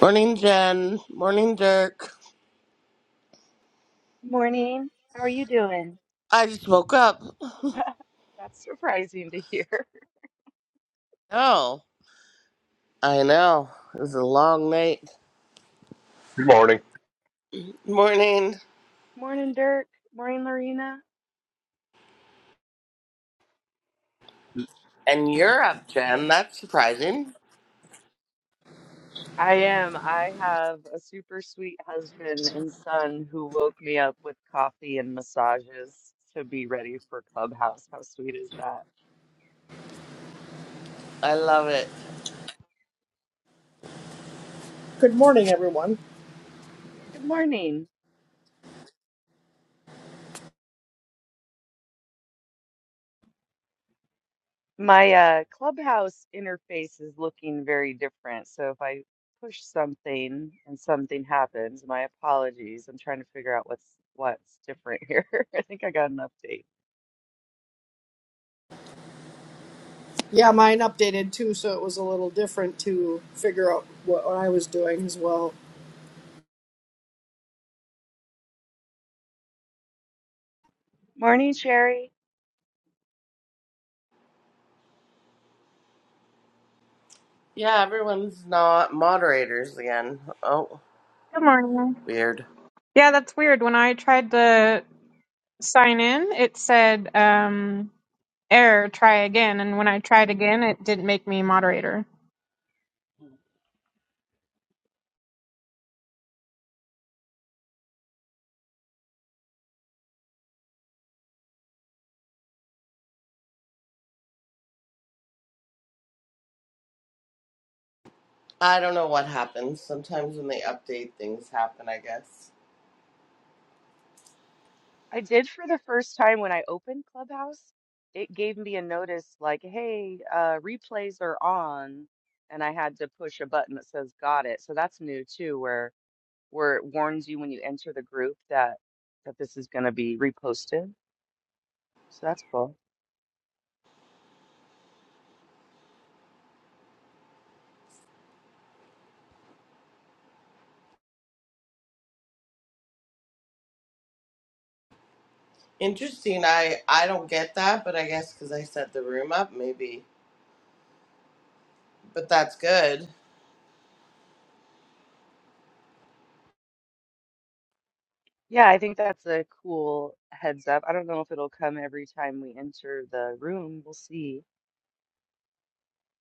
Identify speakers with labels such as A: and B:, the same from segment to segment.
A: Morning, Jen. Morning, Dirk.
B: Morning. How are you doing?
A: I just woke up.
B: That's surprising to hear.
A: Oh, I know. It was a long night.
C: Good morning.
A: Morning.
B: Morning, Dirk. Morning, Lorena.
A: And you're up, Jen. That's surprising.
B: I am. I have a super sweet husband and son who woke me up with coffee and massages to be ready for Clubhouse. How sweet is that?
A: I love it.
D: Good morning, everyone.
B: Good morning. My uh, Clubhouse interface is looking very different. So if I push something and something happens, my apologies. I'm trying to figure out what's what's different here. I think I got an update.
D: Yeah, mine updated too, so it was a little different to figure out what, I was doing as well.
B: Morning, Sherry.
A: Yeah, everyone's not moderators again. Oh,
E: Good morning.
A: weird.
E: Yeah, that's weird. When I tried to sign in, it said um, error, try again. And when I tried again, it didn't make me moderator.
A: I don't know what happens. Sometimes when they update, things happen, I guess.
B: I did for the first time when I opened Clubhouse. It gave me a notice like, hey, uh, replays are on. And I had to push a button that says got it. So that's new too, where where it warns you when you enter the group that that this is going to be reposted. So that's cool.
A: Interesting. I, I don't get that, but I guess because I set the room up, maybe. But that's good.
B: Yeah, I think that's a cool heads up. I don't know if it'll come every time we enter the room. We'll see.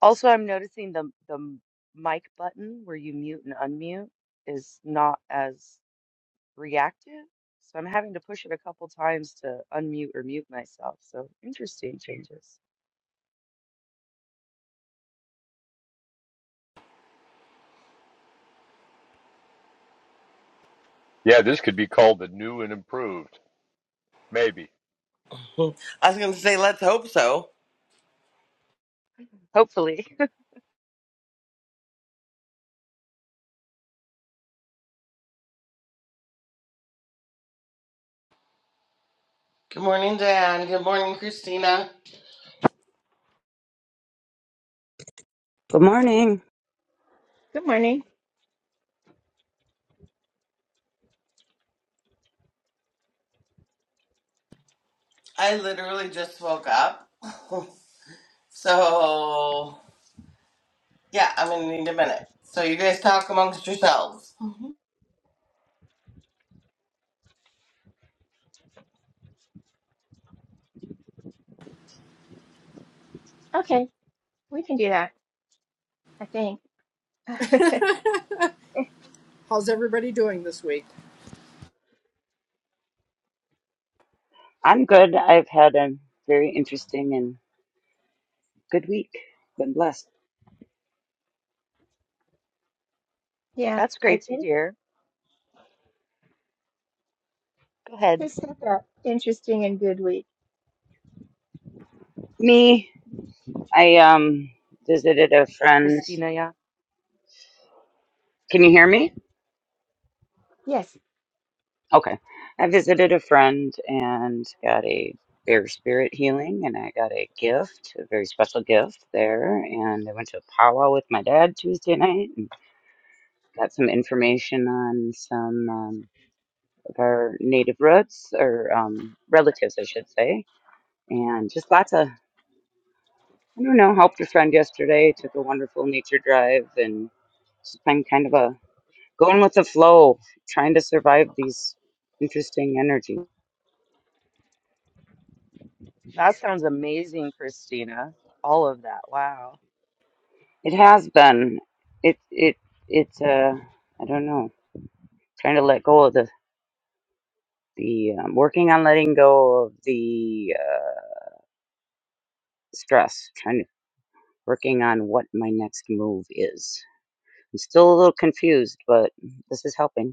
B: Also, I'm noticing the the mic button where you mute and unmute is not as reactive. So I'm having to push it a couple times to unmute or mute myself. So interesting changes.
C: Yeah, this could be called the new and improved. Maybe.
A: I was going to say, let's hope so.
B: Hopefully.
A: Good morning, Diane. Good morning, Christina.
F: Good morning.
G: Good morning.
A: I literally just woke up. so, yeah, I'm going to need a minute. So, you guys talk amongst yourselves. Mhm.
G: Okay, we can do that, I think.
D: How's everybody doing this week?
F: I'm good. I've had a very interesting and good week. Been blessed.
G: Yeah,
B: That's great
G: I
B: to
G: it
B: hear. Go ahead,
G: just had that interesting and good week.
F: Me, I um visited a friend.
B: Christina. Yeah.
F: Can you hear me?
G: Yes,
F: Okay. I visited a friend and got a bear spirit healing and I got a gift, a very special gift there. And I went to a powwow with my dad Tuesday night and got some information on some um, of our native roots or um, relatives, I should say. And just lots of I don't know, helped a friend yesterday, took a wonderful nature drive, and just been kind of a going with the flow, trying to survive these interesting energy.
B: That sounds amazing, Christina. All of that. Wow.
F: It has been, it, it, it's, uh, I don't know, trying to let go of the, the, um, working on letting go of the, uh, stress, trying to, working on what my next move is. I'm still a little confused, but this is helping.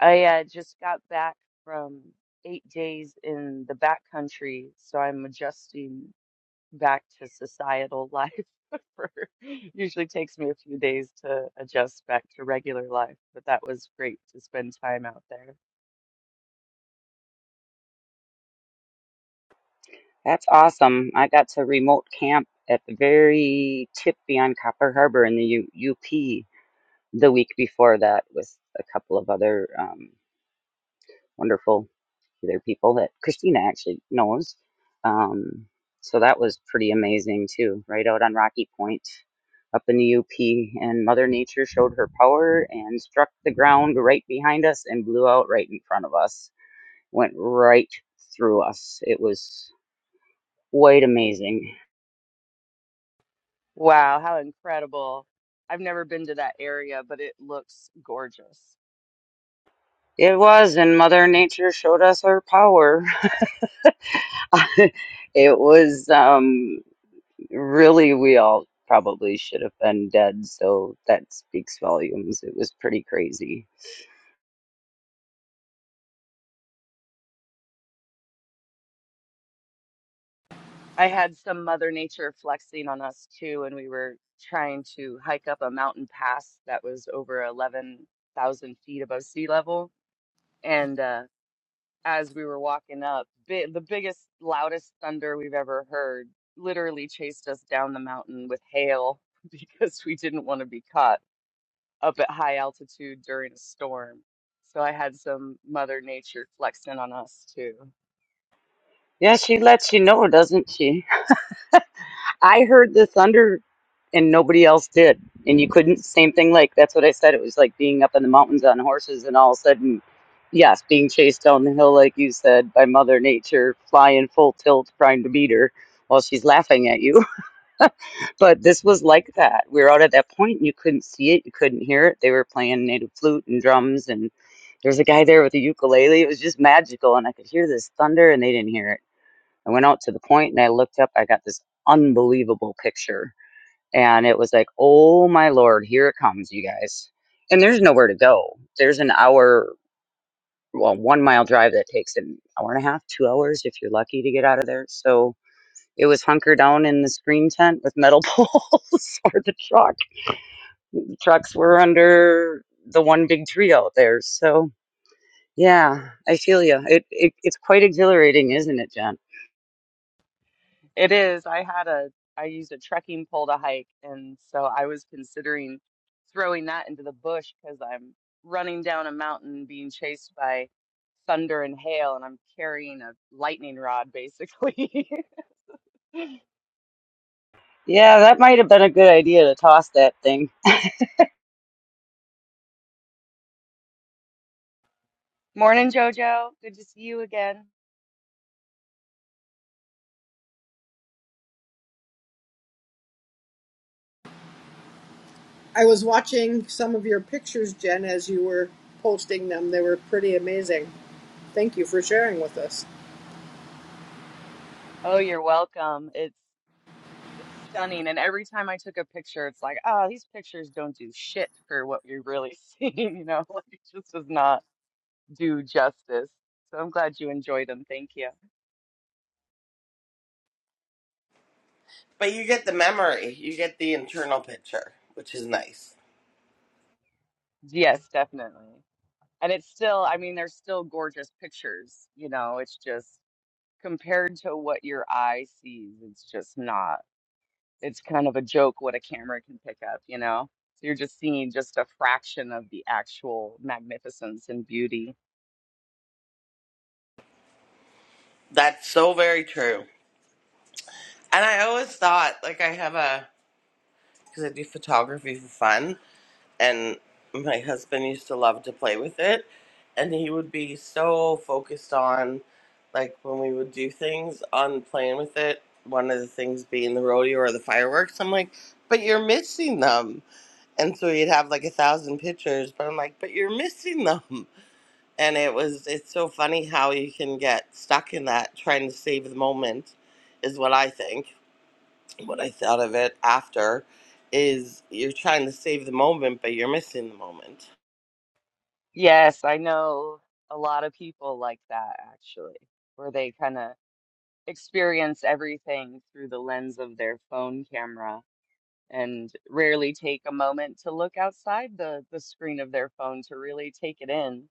B: I uh, just got back from eight days in the back country, so I'm adjusting back to societal life. For, usually takes me a few days to adjust back to regular life, but that was great to spend time out there.
F: That's awesome. I got to remote camp at the very tip beyond Copper Harbor in the U- UP the week before that with a couple of other um, wonderful other people that Christina actually knows. Um, so that was pretty amazing too, right out on Rocky Point up in the UP. And Mother Nature showed her power and struck the ground right behind us and blew out right in front of us, went right through us. It was quite amazing.
B: Wow, how incredible. I've never been to that area, but it looks gorgeous.
F: It was, and Mother Nature showed us her power. It was um, really, we all probably should have been dead, so that speaks volumes. It was pretty crazy.
B: I had some Mother Nature flexing on us too, and we were trying to hike up a mountain pass that was over 11,000 feet above sea level. And uh, as we were walking up, bi the biggest, loudest thunder we've ever heard literally chased us down the mountain with hail because we didn't want to be caught. up at high altitude during a storm. So I had some Mother Nature flexing on us too.
F: Yeah, she lets you know, doesn't she? I heard the thunder and nobody else did. And you couldn't, same thing, like, that's what I said. It was like being up in the mountains on horses and all of a sudden, yes, being chased down the hill, like you said, by Mother Nature, flying full tilt, trying to beat her while she's laughing at you. But this was like that. We were out at that point and you couldn't see it, you couldn't hear it. They were playing native flute and drums, and there was a guy there with a ukulele. It was just magical. And I could hear this thunder and they didn't hear it. I went out to the point and I looked up, I got this unbelievable picture and it was like, oh my lord, here it comes, you guys. And there's nowhere to go. There's an hour, well, one mile drive that takes an hour and a half, two hours if you're lucky to get out of there. So it was hunker down in the screen tent with metal poles or the truck. The trucks were under the one big tree out there. So yeah, I feel you. It, it it's quite exhilarating, isn't it, Jen?
B: It is. I had a, I used a trekking pole to hike. And so I was considering throwing that into the bush because I'm running down a mountain being chased by thunder and hail and I'm carrying a lightning rod basically.
F: Yeah, that might have been a good idea to toss that thing.
B: Morning, Jojo. Good to see you again.
D: I was watching some of your pictures, Jen, as you were posting them. They were pretty amazing. Thank you for sharing with us.
B: Oh, you're welcome. It's It's stunning. And every time I took a picture, it's like, oh, these pictures don't do shit for what you're really seeing, you know, like it just does not do justice. So I'm glad you enjoy them. Thank you.
A: But you get the memory, you get the internal picture, which is nice.
B: Yes, definitely. And it's still, I mean, they're still gorgeous pictures, you know, it's just compared to what your eye sees, it's just not, it's kind of a joke what a camera can pick up, you know? So you're just seeing just a fraction of the actual magnificence and beauty.
A: That's so very true. And I always thought, like, I have a, because I do photography for fun. and my husband used to love to play with it and he would be so focused on like when we would do things on playing with it one of the things being the rodeo or the fireworks i'm like but you're missing them and so he'd have like a thousand pictures but i'm like but you're missing them and it was it's so funny how you can get stuck in that trying to save the moment is what i think what i thought of it after is you're trying to save the moment but you're missing the moment
B: Yes, I know a lot of people like that actually, where they kind of experience everything through the lens of their phone camera and rarely take a moment to look outside the the screen of their phone to really take it in.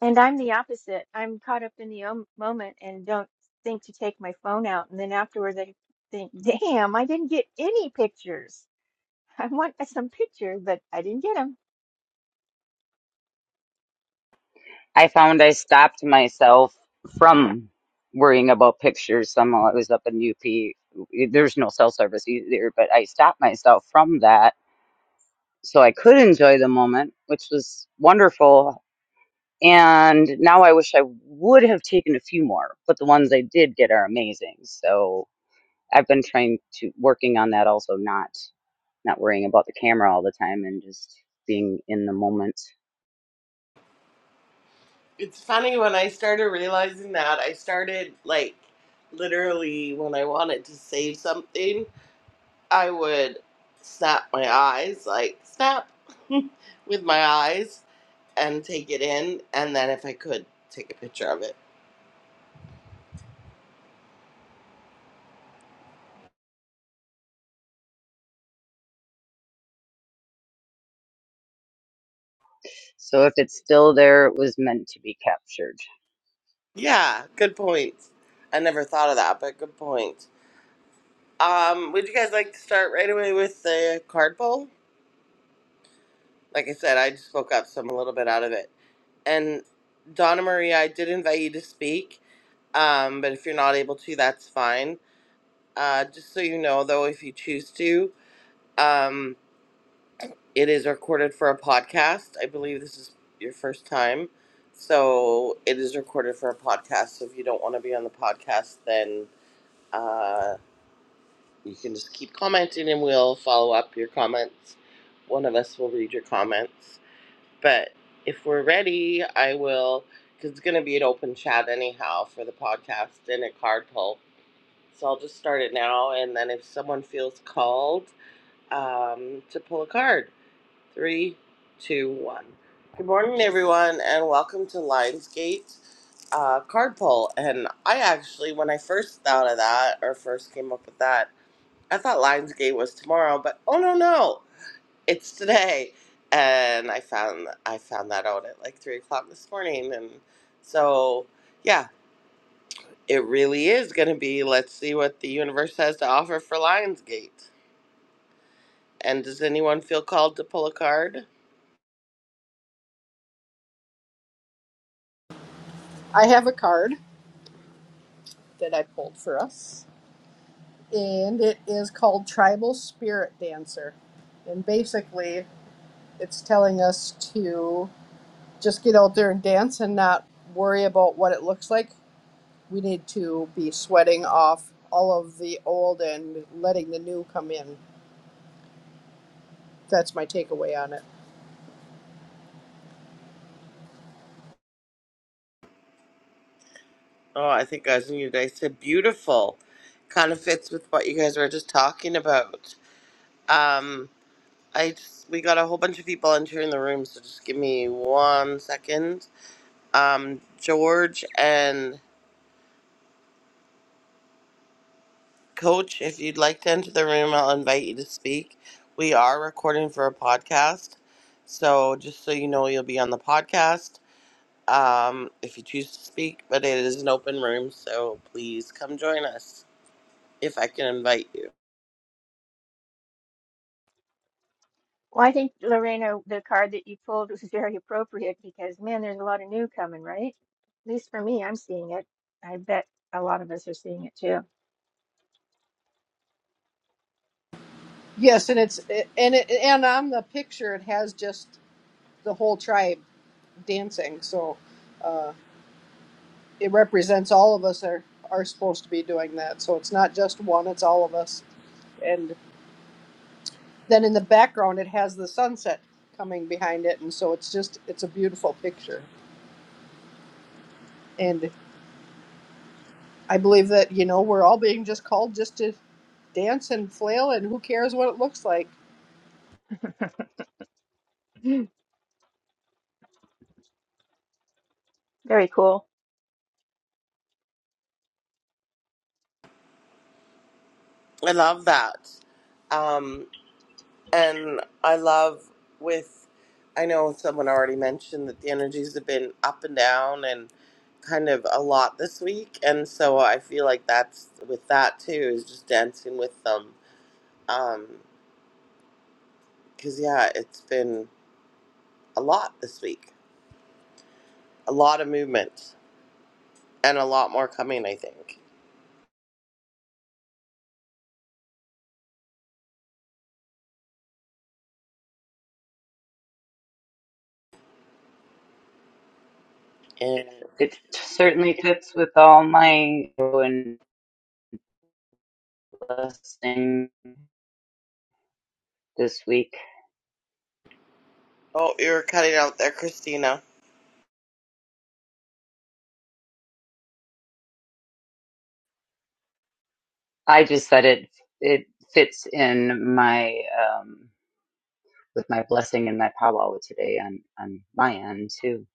G: and I'm the opposite. I'm caught up in the om- moment and don't think to take my phone out. And then afterwards, I think, damn, I didn't get any pictures. I want some pictures, but I didn't get them.
F: I found I stopped myself from worrying about pictures. Somehow I was up in UP. There's no cell service either, but I stopped myself from that so I could enjoy the moment, which was wonderful. And now I wish I would have taken a few more, but the ones I did get are amazing. So I've been trying to working on that also, not not worrying about the camera all the time and just being in the moment.
A: It's funny when I started realizing that, I started like literally when I wanted to save something, I would snap my eyes, like snap with my eyes and take it in. And then if I could, take a picture of it.
F: So if it's still there, it was meant to be captured.
A: Yeah, good point. I never thought of that, but good point. Um, would you guys like to start right away with the card poll? Like I said, I just spoke up, so I'm a little bit out of it. And Donna Marie, I did invite you to speak Um, but if you're not able to, that's fine. Uh, just so you know, though, if you choose to, um, it is recorded for a podcast. I believe this is your first time. So it is recorded for a podcast. So if you don't want to be on the podcast, then uh, you can just keep commenting and we'll follow up your comments. One of us will read your comments. But if we're ready, I will, because it's going to be an open chat anyhow for the podcast and a card pull. So I'll just start it now, and then if someone feels called um, to pull a card, three, two, one. Good morning, everyone, and welcome to Lionsgate uh, Card Pull. And I actually, when I first thought of that, or first came up with that, I thought Lionsgate was tomorrow, but oh no, no, it's today. And I found I found that out at like three o'clock this morning, and so yeah, it really is going to be let's see what the universe has to offer for Lionsgate. And does anyone feel called to pull a card?
D: I have a card that I pulled for us, and it is called Tribal Spirit Dancer. And basically, it's telling us to just get out there and dance and not worry about what it looks like we need to be sweating off all of the old and letting the new come in. That's my takeaway on it.
A: Oh, I think I was new today. Said beautiful. Kind of fits with what you guys were just talking about. Um, I just, we got a whole bunch of people entering the room, so just give me one second. Um, George and Coach, if you'd like to enter the room, I'll invite you to speak. We are recording for a podcast, so just so you know, you'll be on the podcast um, if you choose to speak, but it is an open room, so please come join us if I can invite you.
G: Well, I think, Lorena, the card that you pulled was very appropriate because, man, there's a lot of new coming, right? At least for me, I'm seeing it. I bet a lot of us are seeing it too.
D: Yes, and it's and it, and on the picture it has just the whole tribe dancing, so uh, it represents all of us are are supposed to be doing that. So it's not just one; it's all of us. And then in the background it has the sunset coming behind it, and so it's just it's a beautiful picture. And I believe that you know we're all being just called just to dance and flail, and who cares what it looks like?
G: Very cool.
A: I love that. Um, and I love with, I know someone already mentioned that the energies have been up and down and kind of a lot this week. And so I feel like that's with that too, is just dancing with them. Um, cause yeah, it's been a lot this week, a lot of movement and a lot more coming, I think.
F: It certainly fits with all my and blessing this week.
A: Oh, you were cutting out there, Christina.
F: I just said it it fits in my um with my blessing and my powwow today on on my end too.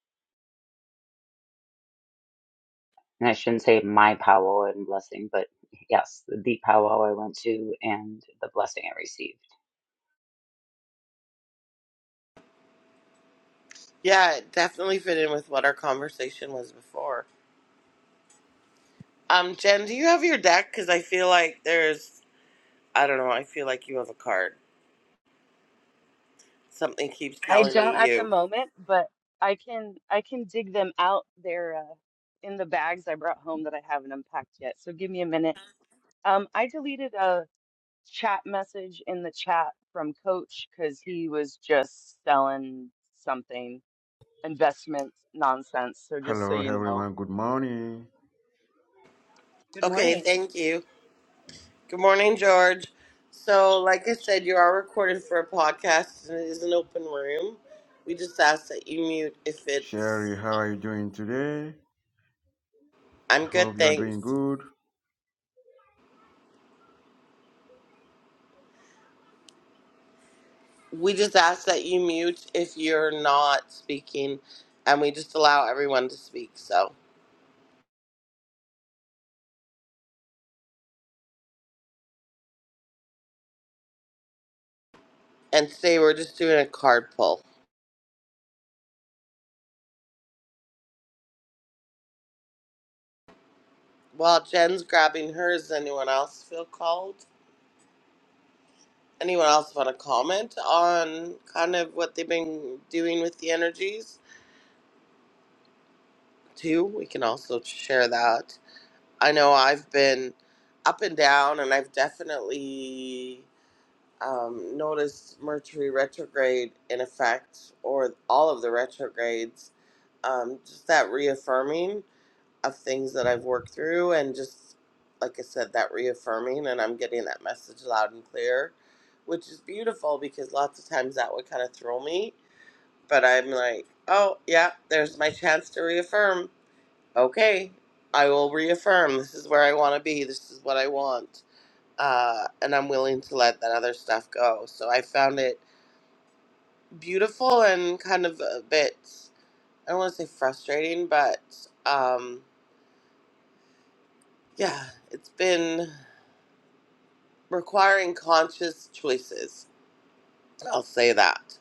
F: And I shouldn't say my powwow and blessing, but yes, the powwow I went to and the blessing I received.
A: Yeah, it definitely fit in with what our conversation was before. Um, Jen, do you have your deck? Because I feel like there's, I don't know, I feel like you have a card. Something keeps
B: I
A: telling
B: don't
A: me
B: at the
A: you.
B: moment, but I can I can dig them out there uh, in the bags I brought home that I haven't unpacked yet. So give me a minute. Um, I deleted uh, chat message in the chat from coach because he was just selling something investment nonsense so just so
H: Hello,
B: you know
H: everyone. Good morning.
B: good
A: Okay,
B: morning
A: thank you. Good morning, George. So, like I said, you are recorded for a podcast and it is an open room. We just ask that you mute if
H: Sherry,
A: it's.
H: how
A: Um,
H: are you doing today?
A: I'm
H: I
A: good,
H: hope you are
A: thanks.
H: doing good.
A: we just ask that you mute if you're not speaking and we just allow everyone to speak so and today we're just doing a card pull while jen's grabbing hers anyone else feel called anyone else want to comment on kind of what they've been doing with the energies too we can also share that i know i've been up and down and i've definitely um, noticed mercury retrograde in effect or all of the retrogrades um, just that reaffirming of things that I've worked through, and just like I said, that reaffirming, and I'm getting that message loud and clear, which is beautiful because lots of times that would kind of throw me. But I'm like, oh, yeah, there's my chance to reaffirm. Okay, I will reaffirm. This is where I want to be, this is what I want. Uh, and I'm willing to let that other stuff go. So I found it beautiful and kind of a bit, I don't want to say frustrating, but. Um, Yeah, it's been requiring conscious choices. I'll say that.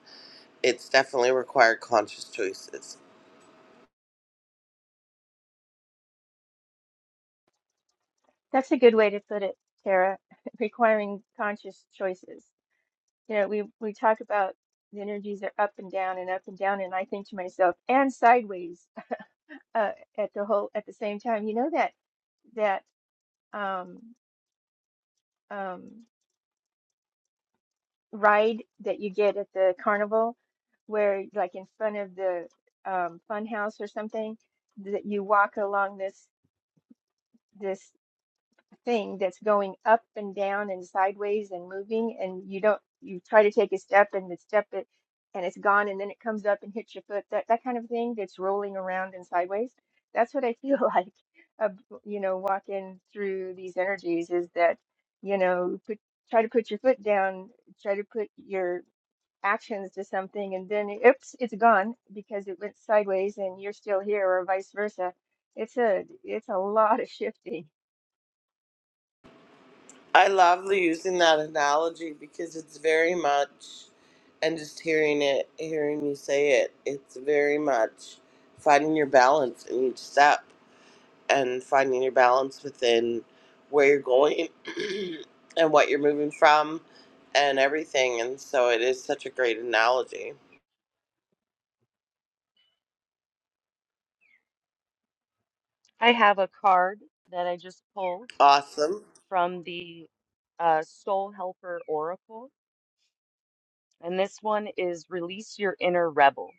A: It's definitely required conscious choices.
G: That's a good way to put it, Tara, requiring conscious choices. You know, we, we talk about the energies are up and down and up and down, and I think to myself, and sideways uh, at the whole at the same time. You know that that um, um, ride that you get at the carnival, where like in front of the um, fun house or something, that you walk along this this thing that's going up and down and sideways and moving and you don't you try to take a step and the step it and it's gone and then it comes up and hits your foot that that kind of thing that's rolling around and sideways that's what I feel like uh, you know walking through these energies is that you know put try to put your foot down try to put your actions to something and then oops it's gone because it went sideways and you're still here or vice versa it's a it's a lot of shifting
A: I love using that analogy because it's very much, and just hearing it, hearing you say it, it's very much finding your balance in each step and finding your balance within where you're going and what you're moving from and everything. And so it is such a great analogy.
B: i have a card that i just pulled
A: Awesome.
B: from the uh, soul helper oracle and this one is release your inner rebel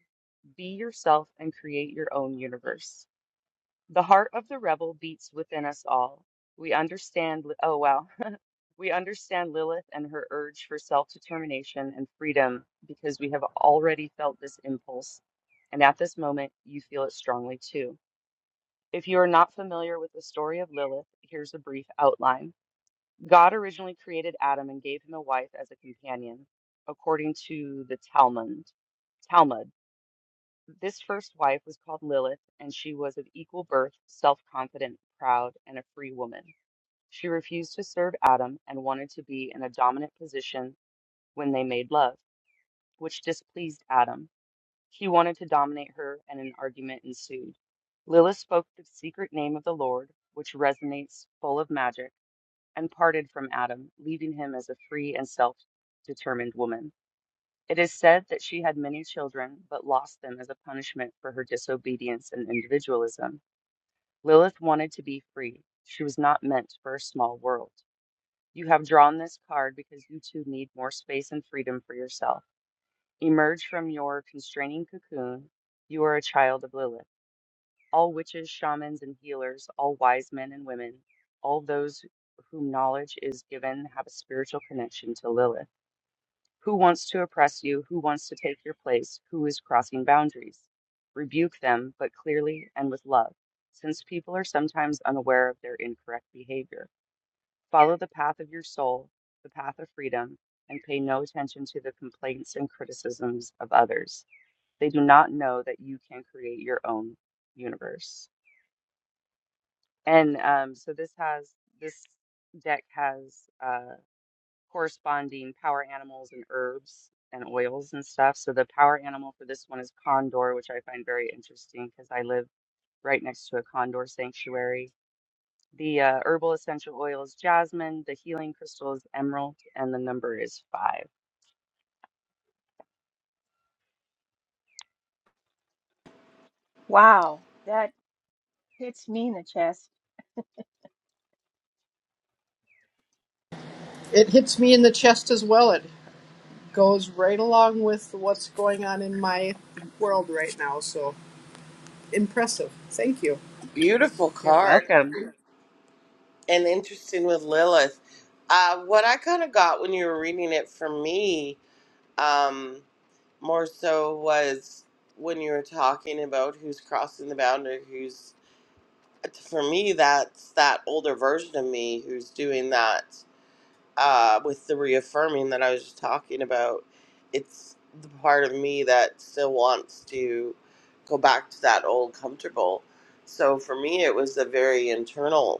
B: be yourself and create your own universe the heart of the rebel beats within us all we understand li- oh wow We understand Lilith and her urge for self determination and freedom because we have already felt this impulse, and at this moment, you feel it strongly too. If you are not familiar with the story of Lilith, here's a brief outline. God originally created Adam and gave him a wife as a companion, according to the Talmud. Talmud. This first wife was called Lilith, and she was of equal birth, self confident, proud, and a free woman. She refused to serve Adam and wanted to be in a dominant position when they made love, which displeased Adam. He wanted to dominate her, and an argument ensued. Lilith spoke the secret name of the Lord, which resonates full of magic, and parted from Adam, leaving him as a free and self determined woman. It is said that she had many children, but lost them as a punishment for her disobedience and individualism. Lilith wanted to be free. She was not meant for a small world. You have drawn this card because you too need more space and freedom for yourself. Emerge from your constraining cocoon. You are a child of Lilith. All witches, shamans, and healers, all wise men and women, all those whom knowledge is given have a spiritual connection to Lilith. Who wants to oppress you? Who wants to take your place? Who is crossing boundaries? Rebuke them, but clearly and with love, since people are sometimes unaware of their incorrect behavior. Follow the path of your soul, the path of freedom, and pay no attention to the complaints and criticisms of others. They do not know that you can create your own universe. And um, so this has this deck has uh, corresponding power animals and herbs and oils and stuff. So the power animal for this one is condor, which I find very interesting because I live right next to a condor sanctuary The uh, herbal essential oil is jasmine, the healing crystal is emerald, and the number is five.
G: Wow. that. hits me in the chest.
D: It hits me in the chest as well. It goes right along with what's going on in my world right now. So impressive. Thank you.
A: Beautiful
B: You're
A: card
B: welcome.
A: and interesting with Lilith. Uh, what I kind of got when you were reading it for me, um, more so was when you were talking about who's crossing the boundary, who's for me that's that older version of me who's doing that uh, with the reaffirming that I was just talking about. It's the part of me that still wants to go back to that old comfortable. So for me, it was a very internal.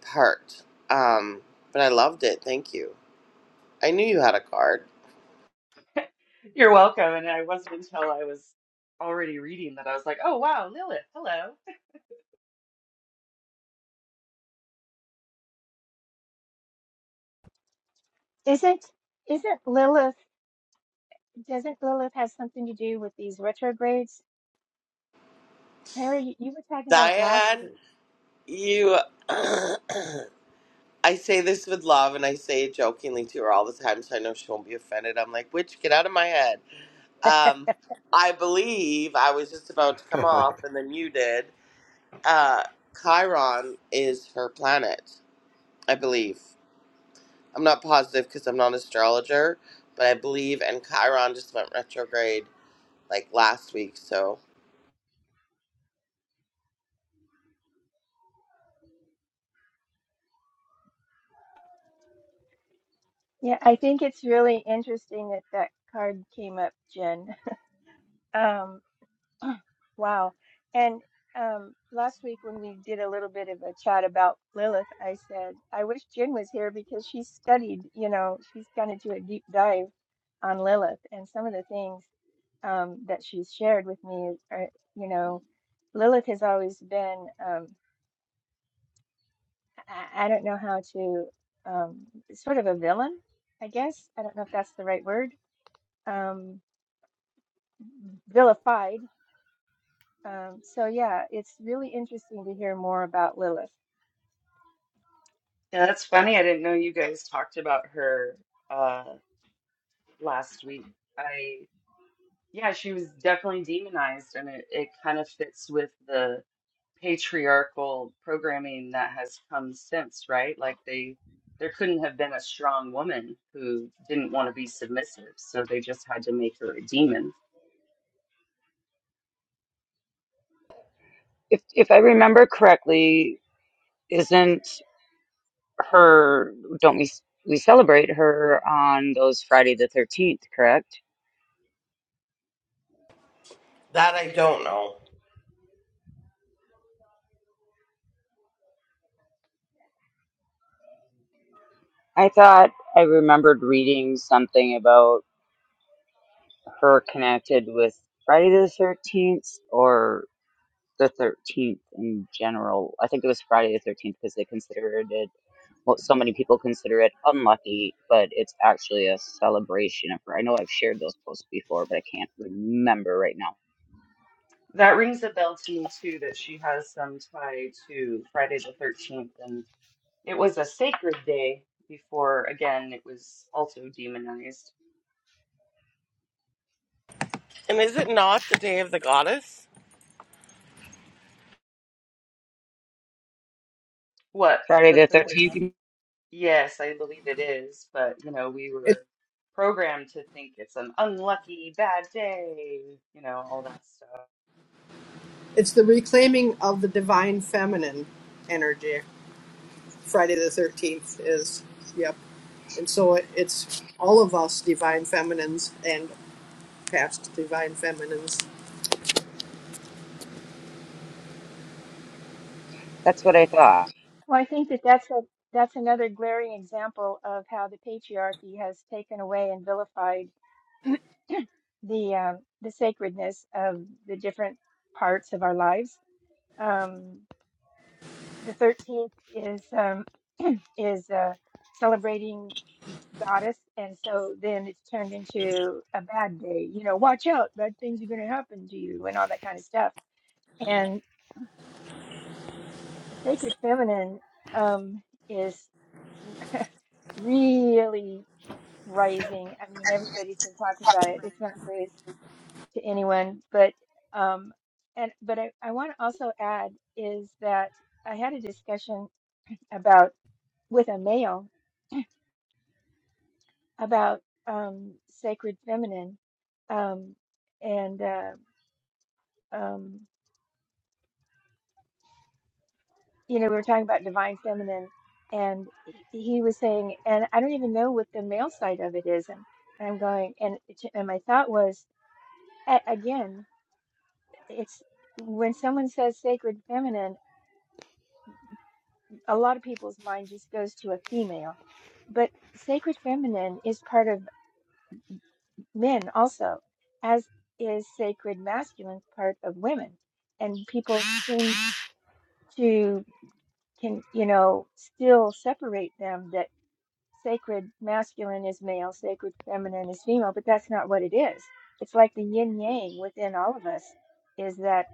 A: part. Um, but I loved it. Thank you. I knew you had a card.
B: You're welcome. And I wasn't until I was already reading that I was like, oh, wow, Lilith, hello.
G: Isn't isn't Lilith? Doesn't Lilith have something to do with these retrogrades? Tara, you, you were talking about it last
A: Diane,
G: week.
A: you. I say this with love and I say it jokingly to her all the time, so I know she won't be offended. I'm like, witch, get out of my head. Um, I believe I was just about to
H: uh,
A: come off, and then you did. Uh, Chiron is her planet, I believe. I'm not positive because I'm not an astrologer, but I believe, and Chiron just went retrograde like last week, so.
G: Yeah, I think it's really interesting that that card came up, Jen. Um, wow. And um, last week when we did a little bit of a chat about Lilith, I said I wish Jen was here because she studied. You know, she's gone into a deep dive on Lilith, and some of the things um, that she's shared with me is, are, you know. Lilith has always been, um, I, I don't know how to, um, sort of a villain, I guess. I don't know if that's the right word. Um, vilified. Um, so yeah, it's really interesting to hear more about Lilith.
B: Yeah, that's funny. I didn't know you guys talked about her uh, last week. I, yeah, she was definitely demonized, and it, it kind of fits with the patriarchal programming that has come since, right? Like they there couldn't have been a strong woman who didn't want to be submissive, so they just had to make her a demon.
F: If if I remember correctly, isn't her don't we we celebrate her on those Friday the 13th, correct?
A: That I don't know.
F: I thought I remembered reading something about her connected with Friday the 13th or the 13th in general. I think it was Friday the 13th because they considered it, well, so many people consider it unlucky, but it's actually a celebration of her. I know I've shared those posts before, but I can't remember right now.
B: That rings a bell to me too that she has some tie to Friday the 13th and it was a sacred day before again it was also demonized.
A: And is it not the day of the goddess?
B: What,
F: Friday
B: the
F: the
B: 13th?
F: 13th,
B: Yes, I believe it is, but you know, we
D: It,
B: were programmed to think it's an unlucky bad day, you know, all that stuff.
D: it's the reclaiming of the divine feminine energy. Friday the 13th is, yep. And so it, it's all of us, divine feminines and past divine feminines.
F: that's what I thought.
G: Well, I think that that's a that's another glaring example of how the patriarchy has taken away and vilified the um, the sacredness of the different parts of our lives. Um, The 13th is um, is uh, celebrating goddess, and so then it's turned into a bad day. You know, watch out, bad things are going to happen to you, and all that kind of stuff. And the sacred feminine um, is really rising. I mean, everybody's been talking about it. It's not news to anyone, but um, and but I, I want to also add is that I had a discussion about with a male. about um, sacred feminine, um, and uh, um, you know we were talking about divine feminine, and he, he was saying, and I don't even know what the male side of it is, and, and I'm going, and it- and my thought was a- again, it's when someone says sacred feminine, a lot of people's mind just goes to a female, but sacred feminine is part of men also, as is sacred masculine part of women and people to can you know still separate them that sacred masculine is male sacred feminine is female but that's not what it is it's like the yin yang within all of us is that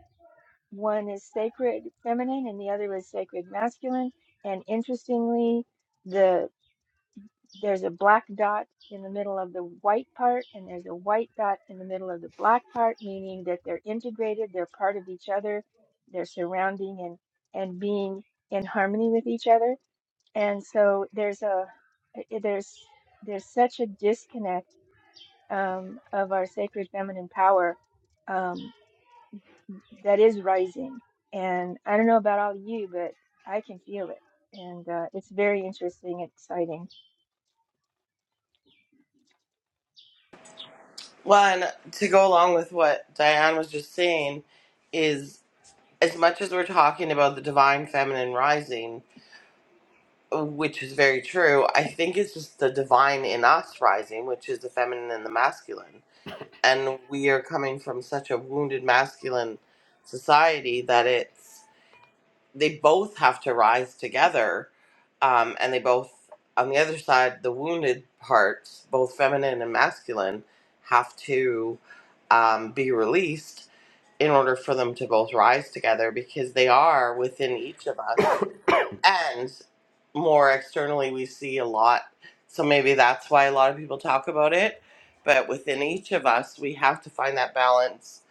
G: one is sacred feminine and the other is sacred masculine and interestingly the there's a black dot in the middle of the white part, and there's a white dot in the middle of the black part, meaning that they're integrated, they're part of each other, they're surrounding and, and being in harmony with each other. And so there's a i- i- there's there's such a disconnect um, of our sacred feminine power um, that is rising. And I don't know about all of you, but I can feel it, and uh, it's very interesting and exciting.
A: One, to go along with what Diane was just saying, is as much as we're talking about the divine feminine rising, which is very true, I think it's just the divine in us rising, which is the feminine and the masculine. And we are coming from such a wounded masculine society that it's. they both have to rise together um, and they both on the other side the wounded parts both feminine and masculine have to um, be released in order for them to both rise together because they are within each of us and more externally we see a lot so maybe that's why a lot of people talk about it but within each of us we have to find that balance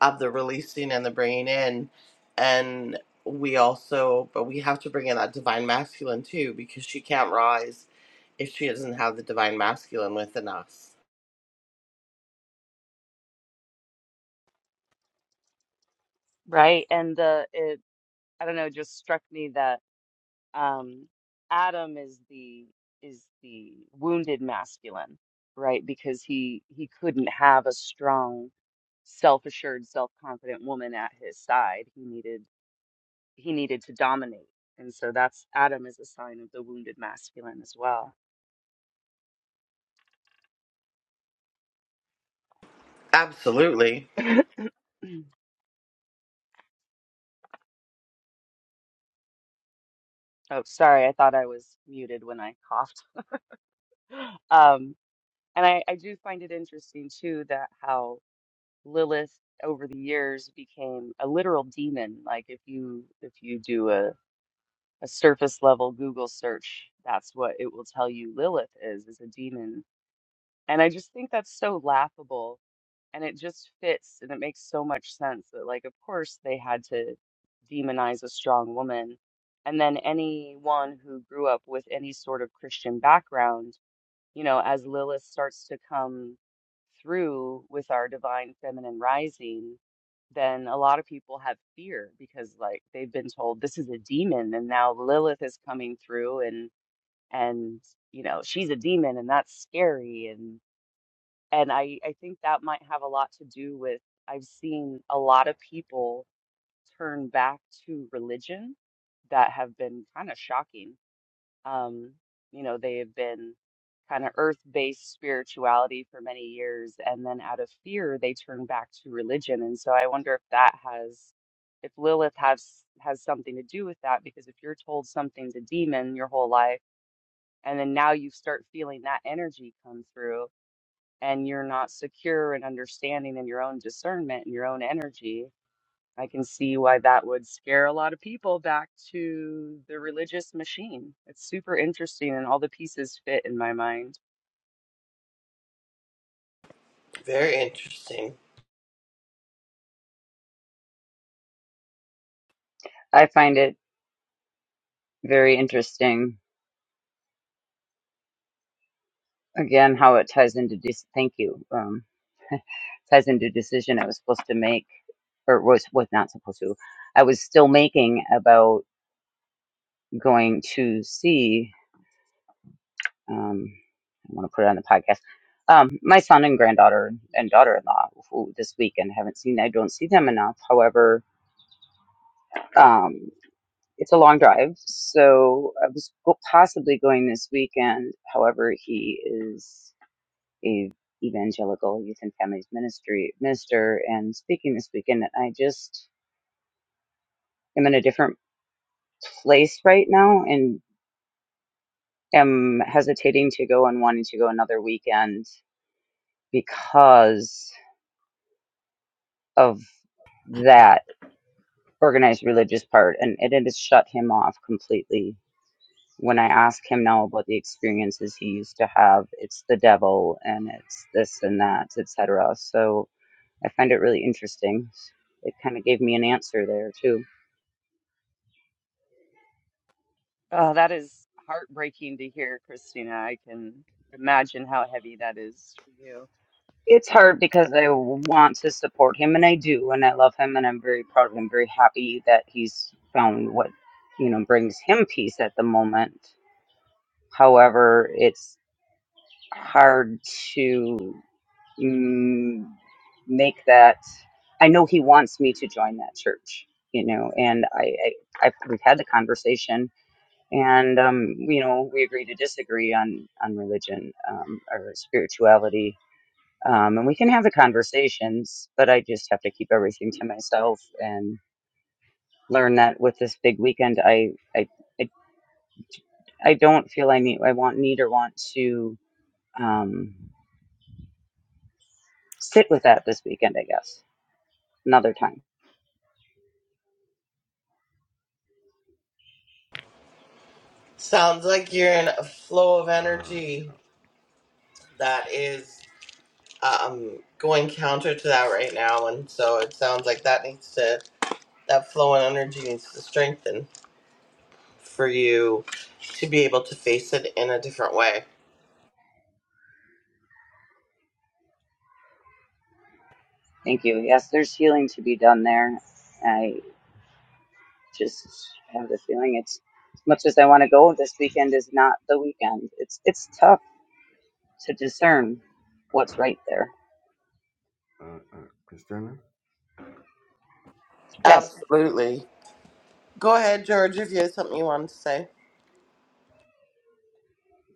A: of the releasing and the bringing in and we also but we have to bring in that divine masculine too because she can't rise if she doesn't have the divine masculine within us
B: Right. And the it I don't know, just struck me that um Adam is the is the wounded masculine, right? Because he he couldn't have a strong, self-assured, self-confident woman at his side. He needed he needed to dominate. And so that's Adam is a sign of the wounded masculine as well.
A: absolutely
B: Oh, sorry, I thought I was muted when I coughed. Um, and I, I do find it interesting too that how Lilith over the years became a literal demon. Like if you if you do a, a surface level Google search, that's what it will tell you Lilith is, is a demon. And I just think that's so laughable and it just fits and it makes so much sense that like of course they had to demonize a strong woman and then anyone who grew up with any sort of christian background you know as lilith starts to come through with our divine feminine rising then a lot of people have fear because like they've been told this is a demon and now lilith is coming through and and you know she's a demon and that's scary and I, I think that might have a lot to do with I've seen a lot of people turn back to religion that have been kind of shocking. Um, you know, they have been kind of earth-based spirituality for many years, and then out of fear, they turn back to religion. And so I wonder if that has, if Lilith has has something to do with that, because if you're told something's a demon your whole life, and then now you start feeling that energy come through and you're not secure in understanding in your own discernment and your own energy, I can see why that would scare a lot of people back to the religious machine. It's super interesting, and all the pieces fit in my mind.
A: very interesting
F: I find it very interesting again how it ties into dec thank you um ties into decision i was supposed to make or was was not supposed to i was still making about going to see um i want to put it on the podcast um my son and granddaughter and daughter-in-law who this weekend haven't seen i don't see them enough however um it's a long drive so i was go- possibly going this weekend however he is A evangelical youth and families ministry minister and speaking this weekend and i just am in a different place right now and am hesitating to go and wanting to go another weekend because of that organized religious part and it, it has shut him off completely when i ask him now about the experiences he used to have it's the devil and it's this and that etc so i find it really interesting it kind of gave me an answer there too
B: Oh, that is heartbreaking to hear, Christina. I can imagine how heavy that is for you.
F: It's hard because I want to support him and I do and I love him and I'm very proud of him, very happy that he's found what, you know, brings him peace at the moment. However, it's hard to mm, make that I know he wants me to join that church, you know, and I, I I've, we've had the conversation and um, you know, we agree to disagree on on religion um, or spirituality um, and we can have the conversations but i just have to keep everything to myself and learn that with this big weekend i i i, I don't feel i need i want need or want to um, sit with that this weekend i guess another time
A: sounds like you're in a flow of
H: uh,
A: energy that is um, going counter to that right now, and so it sounds like that needs to that flow and energy needs to strengthen for you to be able to face it in a different way.
F: thank you yes there's healing to be done there i just have the feeling it's as much as i want to go this weekend is not the weekend it's it's tough to discern what's right there
H: uh, Christiana,
F: yes
A: Absolutely. Go ahead, George, if you have something you wanted to say.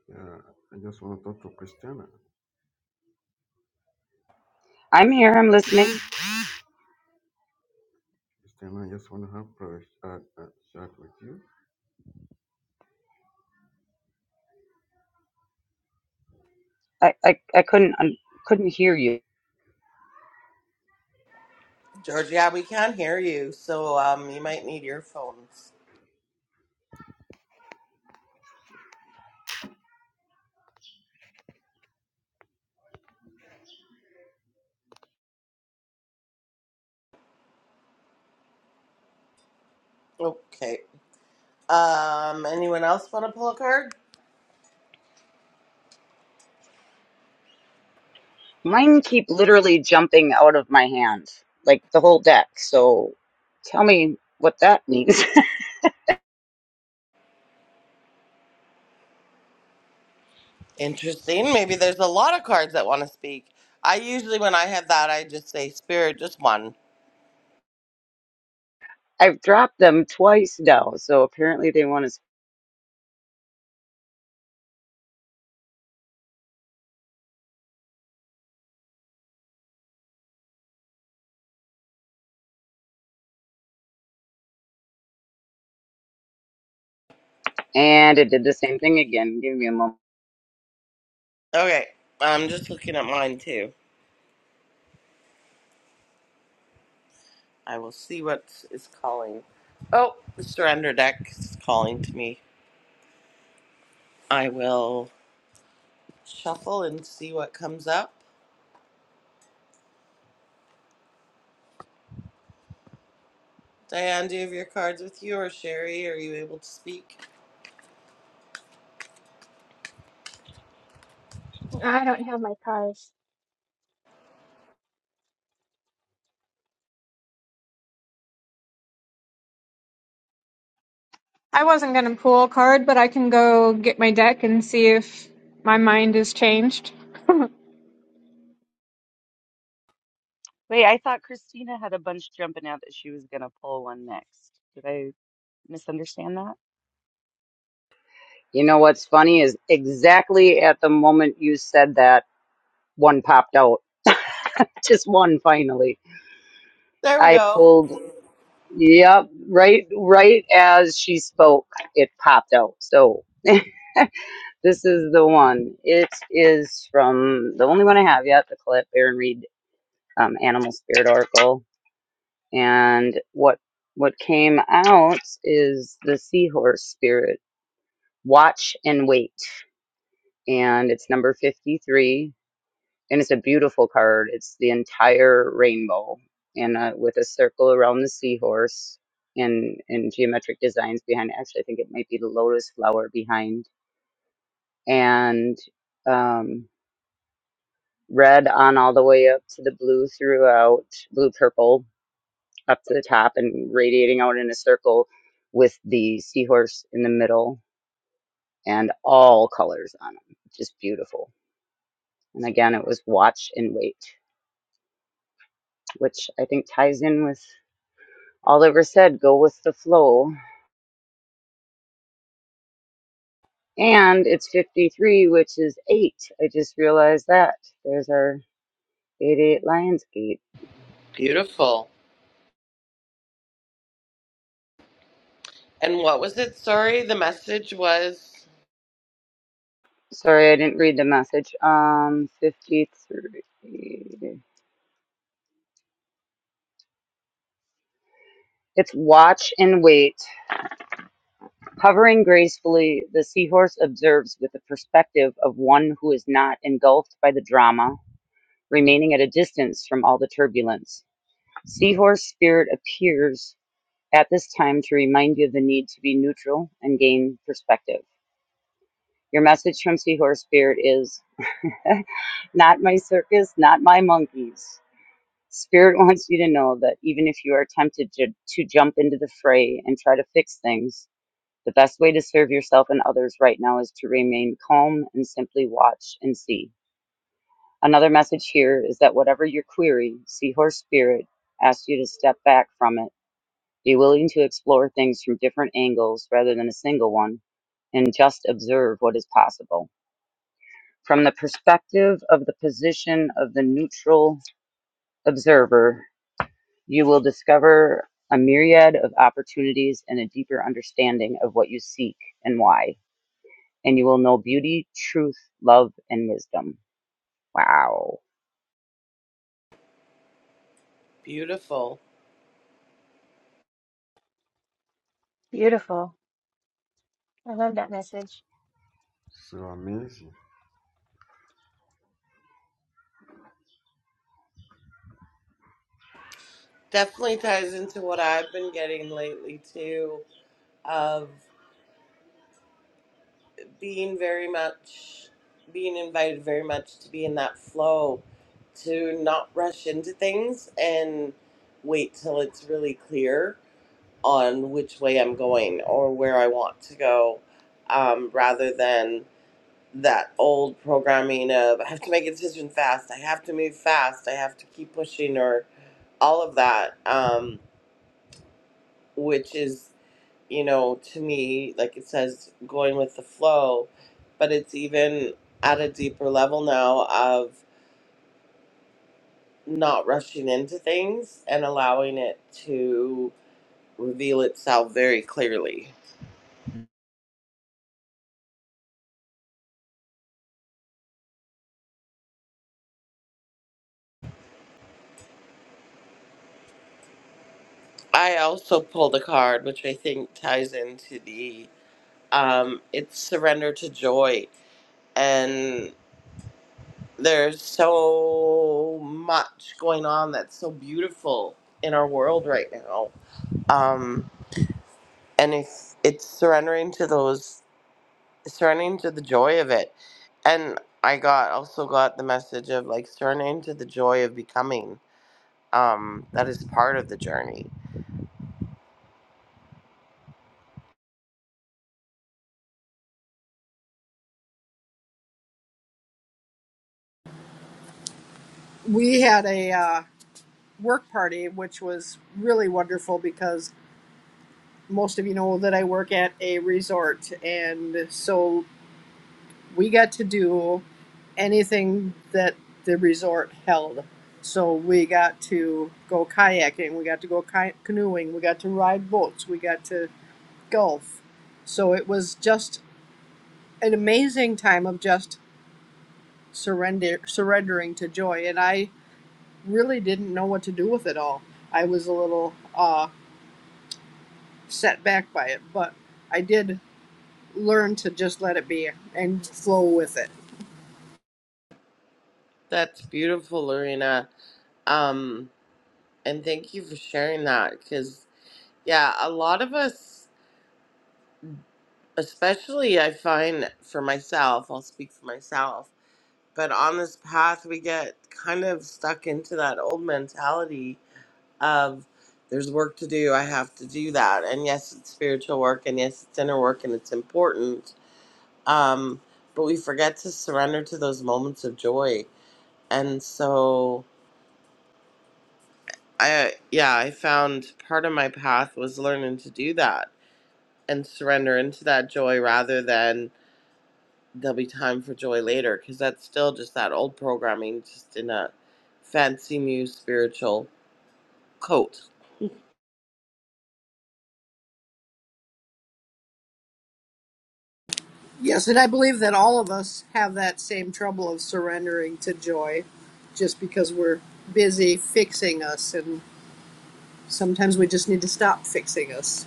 H: yeah, I just want to talk to Christiana.
F: i'm here i'm listening
H: Christiana, I just want to have a uh, uh, chat with you.
F: I, I, I couldn't I couldn't hear you.
A: George, yeah, we can hear you, so um, you might need your phones. Okay. Um, anyone else want to pull a card?
F: Mine keep literally jumping out of my hands, like the whole deck. So tell me what that means.
A: Interesting. Maybe there's a lot of cards that want to speak. I usually, when I have that, I just say spirit, just one
F: I've dropped them twice now, so apparently they want to. And it did the same thing again. Give me a moment.
A: Okay, I'm just looking at mine too. I will see what is calling. Oh, the surrender deck is calling to me. I will shuffle and see what comes up. Diane, do you have your cards with you, or Sherry? Are you able to speak?
G: I don't have my cars.
E: I wasn't going to pull a card, but I can go get my deck and see if my mind is changed.
B: Wait, I thought Christina had a bunch jumping out that she was going to pull one next. Did I misunderstand that?
F: You know what's funny is exactly at the moment you said that, one popped out. Just one finally.
A: There we
F: I
A: go.
F: pulled. Yep, right, right as she spoke, it popped out. So This is the one. It is from the only one I have yet, the clip Aaron Reed um, Animal Spirit oracle, And what what came out is the Seahorse Spirit. Watch and wait. And it's number 53. And it's a beautiful card. It's the entire rainbow and uh, with a circle around the seahorse and, and geometric designs behind. it. Actually, I think it might be the lotus flower behind. And um, red on all the way up to the blue throughout, blue purple up to the top and radiating out in a circle with the seahorse in the middle and all colors on them. Just beautiful. And again, it was watch and wait, which I think ties in with all that was said go with the flow. And it's 53, which is eight. I just realized that. There's our 88 Lionsgate.
A: Beautiful. And what was it? Sorry, the message was
F: Sorry, I didn't read the message. Um, 53. It's watch and wait. Hovering gracefully, the seahorse observes with the perspective of one who is not engulfed by the drama, remaining at a distance from all the turbulence. Seahorse spirit appears at this time to remind you of the need to be neutral and gain perspective. Your message from Seahorse Spirit is not my circus, not my monkeys. Spirit wants you to know that even if you are tempted to, to jump into the fray and try to fix things, The best way to serve yourself and others right now is to remain calm and simply watch and see. Another message here is that whatever your query, Seahorse Spirit asks you to step back from it. Be willing to explore things from different angles rather than a single one, and just observe what is possible. From the perspective of the position of the neutral observer, you will discover a myriad of opportunities and a deeper understanding of what you seek and why. and you will know beauty, truth, love, and wisdom. Wow.
A: beautiful.
G: Beautiful. I love that message.
H: So amazing.
A: Definitely ties into what I've been getting lately too. Of being very much being invited very much to be in that flow to not rush into things and wait till it's really clear on which way i'm going or where i want to go um, rather than that old programming of i have to make a decision fast i have to move fast i have to keep pushing or all of that um, which is you know, to me, like it says, going with the flow, but it's even at a deeper level now of not rushing into things and allowing it to reveal itself very clearly. I also pulled a card, which I think ties into the um, it's surrender to joy, and there's so much going on that's so beautiful in our world right now. Um, and it's it's surrendering to those surrendering to the joy of it and i got also got the message of like surrendering to the joy of becoming um that is part of the journey
D: We had a uh, work party, which was really wonderful because most of you know that I work at a resort, and so we got to do anything that the resort held. So we got to go kayaking, we got to go ki- canoeing, we got to ride boats, we got to golf. So it was just an amazing time of just surrender surrendering to joy and I really didn't know what to do with it all. I was a little uh set back by it, but I did learn to just let it be and flow with it.
A: that's beautiful lorena um and thank you for sharing that because yeah a lot of us especially i find for myself i'll speak for myself but on this path we get kind of stuck into that old mentality of there's work to do. I have to do that. And yes, it's spiritual work, and yes, it's inner work, and it's important. Um, but we forget to surrender to those moments of joy. And so, I yeah, I found part of my path was learning to do that and surrender into that joy rather than there'll be time for joy later because that's still just that old programming, just in a fancy new spiritual coat.
D: Yes, and I believe that all of us have that same trouble of surrendering to joy just because we're busy fixing us, and sometimes we just need to stop fixing us.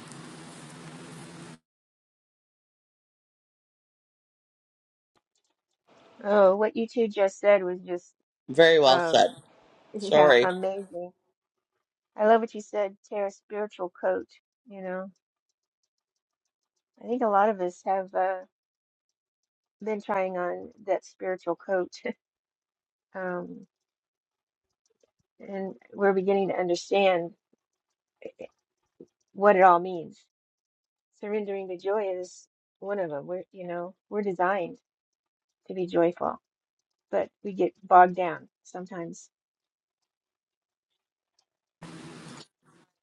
G: Oh, what you two just said was just,
A: Very well
G: uh,
A: said.
G: yeah,
A: Sorry.
G: amazing. I love what you said, Tara, spiritual coat. You know, I think a lot of us have uh, been trying on that spiritual coat, um, and we're beginning to understand what it all means. Surrendering to joy is one of them. We're, you know, we're designed to be joyful, but we get bogged down sometimes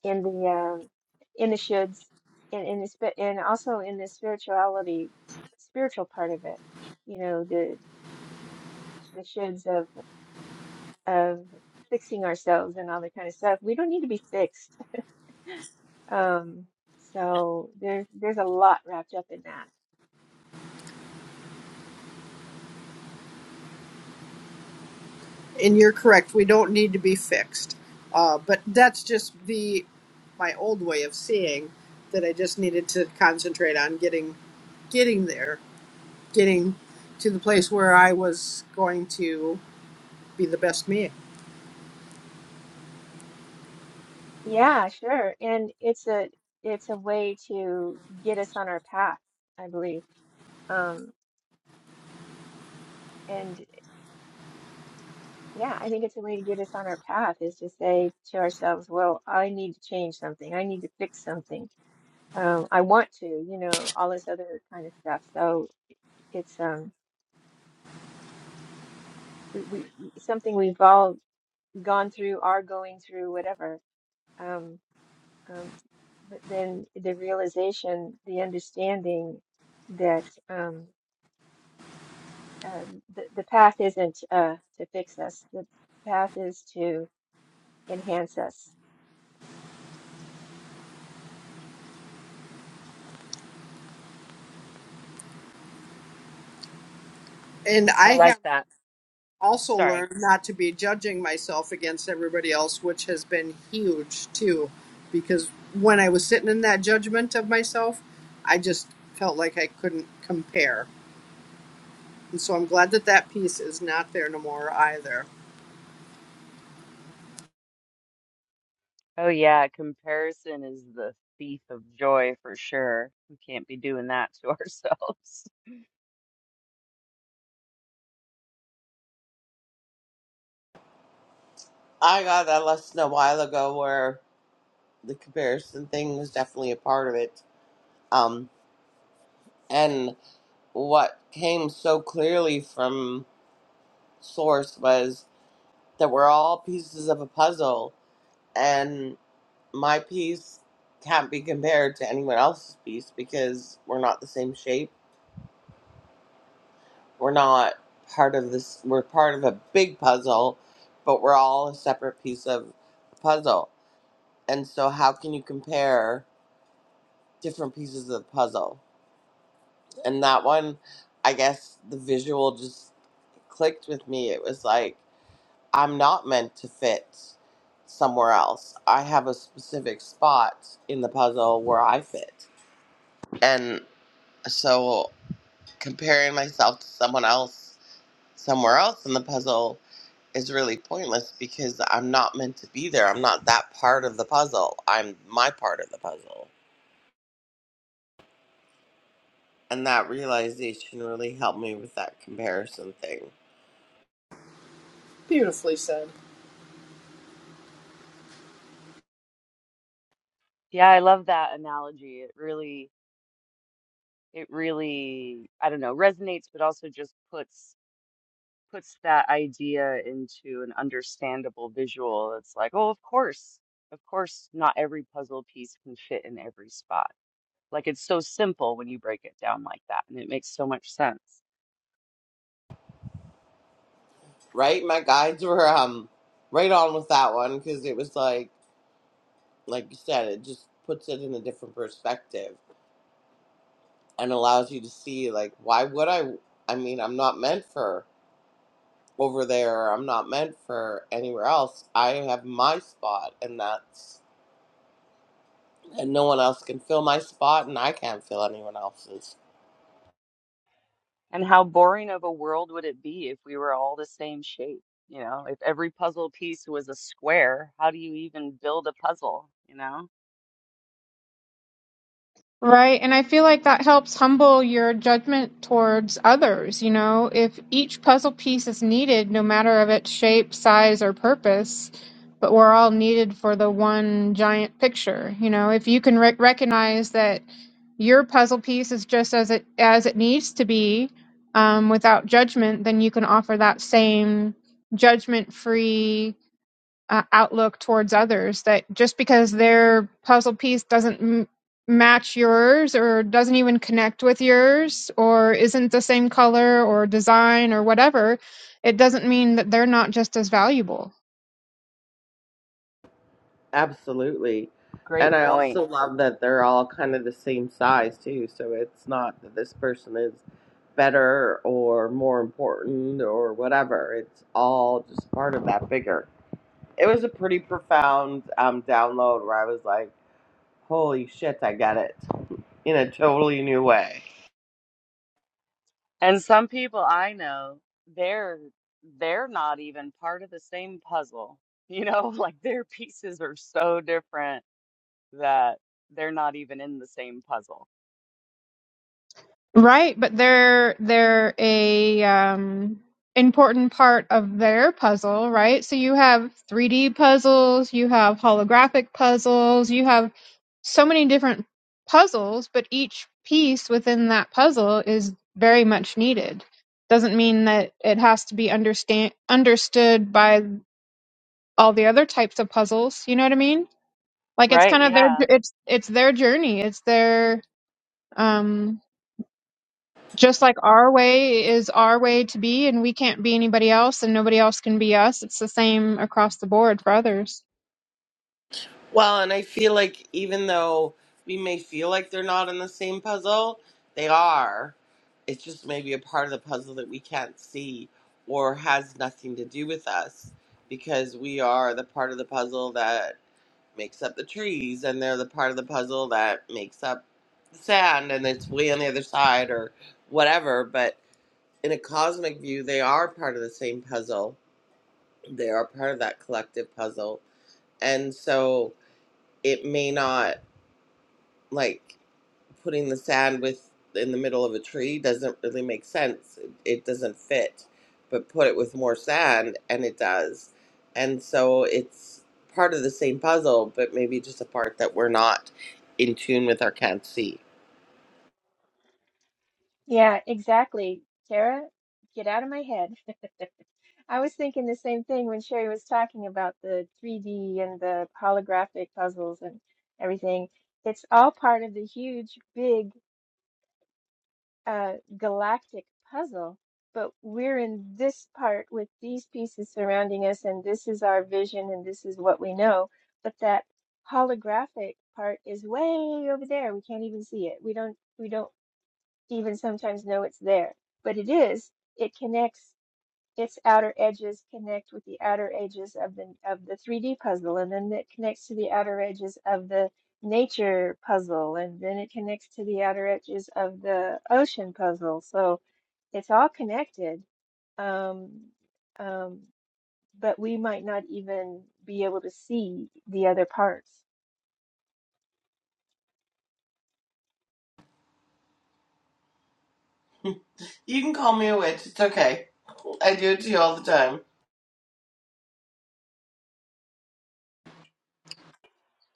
G: in the um in the shoulds and in the spi- and also in the spirituality spiritual part of it you know the the shoulds of of fixing ourselves and all that kind of stuff we don't need to be fixed um so there's there's a lot wrapped up in that
D: And you're correct, we don't need to be fixed. Uh, but that's just the my old way of seeing that I just needed to concentrate on getting getting there, getting to the place where I was going to be the best me.
G: Yeah, sure. And it's a it's a way to get us on our path, I believe. Um, and yeah, I think it's a way to get us on our path is to say to ourselves, well, I need to change something. I need to fix something. Um, I want to, you know, all this other kind of stuff. So it's um we, we something we've all gone through, are going through, whatever. Um, um, but then the realization, the understanding that um um, the, the path isn't uh, to fix us. The path is to enhance us.
D: And I
B: I like
D: have.
B: that.
D: also
B: Sorry.
D: learned not to be judging myself against everybody else, which has been huge too. Because when I was sitting in that judgment of myself, I just felt like I couldn't compare. And so I'm glad that that piece is not there no more either.
B: Oh yeah, comparison is the thief of joy for sure. We can't be doing that to ourselves.
A: I got that lesson a while ago where the comparison thing was definitely a part of it. Um, and what came so clearly from Source was that we're all pieces of a puzzle, and my piece can't be compared to anyone else's piece because we're not the same shape. We're not part of this, we're part of a big puzzle, but we're all a separate piece of the puzzle. And so, how can you compare different pieces of the puzzle? and that one i guess the visual just clicked with me it was like i'm not meant to fit somewhere else i have a specific spot in the puzzle where i fit and so comparing myself to someone else somewhere else in the puzzle is really pointless because i'm not meant to be there i'm not that part of the puzzle i'm my part of the puzzle and that realization really helped me with that comparison thing
D: Beautifully said.
B: Yeah, I love that analogy. It really, it really, I don't know, resonates, but also just puts puts that idea into an understandable visual. It's like, oh, of course, of course, not every puzzle piece can fit in every spot. Like it's so simple when you break it down like that, and it makes so much sense.
A: right? My guides were um right on with that one because it was like like you said, it just puts it in a different perspective and allows you to see like why would I I mean, I'm not meant for over there, I'm not meant for anywhere else. I have my spot and that's and no one else can fill my spot and I can't fill anyone else's.
B: And how boring of a world would it be if we were all the same shape? You know, if every puzzle piece was a square, how do you even build a puzzle? You know,
E: Right. And I feel like that helps humble your judgment towards others. You know, if each puzzle piece is needed, no matter of its shape, size, or purpose, but we're all needed for the one giant picture. You know, if you can rec recognize that your puzzle piece is just as it as it needs to be, um, without judgment, then you can offer that same judgment-free uh, outlook towards others that just because their puzzle piece doesn't m- match yours or doesn't even connect with yours or isn't the same color or design or whatever it doesn't mean that they're not just as valuable
A: Absolutely. And
B: great
A: I
B: point.
A: also love that they're all kind of the same size too, so it's not that this person is better or more important or whatever. It's all just part of that bigger. It was a pretty profound um, download where I was like, holy shit, I get it in a totally new way.
B: And some people I know, they're they're not even part of the same puzzle. You know, like their pieces are so different that they're not even in the same puzzle.
E: Right, but they're they're a um important part of their puzzle, right? So you have 3D puzzles, you have holographic puzzles, you have so many different puzzles, but each piece within that puzzle is very much needed. Doesn't mean that it has to be understand understood by all the other types of puzzles, you know what I mean? Like it's
B: Right?
E: kind of their
B: Yeah.
E: it's it's their journey, it's their um just like our way is our way to be and we can't be anybody else and nobody else can be us it's the same across the board for others
A: Well, and I feel like even though we may feel like they're not in the same puzzle, they are. It's just maybe a part of the puzzle that we can't see or has nothing to do with us because we are the part of the puzzle that makes up the trees and they're the part of the puzzle that makes up the sand and it's way on the other side or whatever but in a cosmic view they are part of the same puzzle they are part of that collective puzzle and so it may not like putting the sand with in the middle of a tree doesn't really make sense. It, it doesn't fit, but put it with more sand and it does. And so it's part of the same puzzle, but maybe just a part that we're not in tune with or can't see.
G: Yeah, exactly. Tara, get out of my head. I was thinking the same thing when Sherry was talking about the 3D and the holographic puzzles and everything. It's all part of the huge, big uh, galactic puzzle, but we're in this part with these pieces surrounding us, and this is our vision, and this is what we know. But that holographic part is way over there. We can't even see it. We don't. We don't even sometimes know it's there, but it is. It connects its outer edges connect with the outer edges of the of the 3D puzzle, and then it connects to the outer edges of the nature puzzle, and then it connects to the outer edges of the ocean puzzle. So it's all connected, um, um, but we might not even be able to see the other parts.
A: You can call me a witch. It's okay. I do it to you all the time.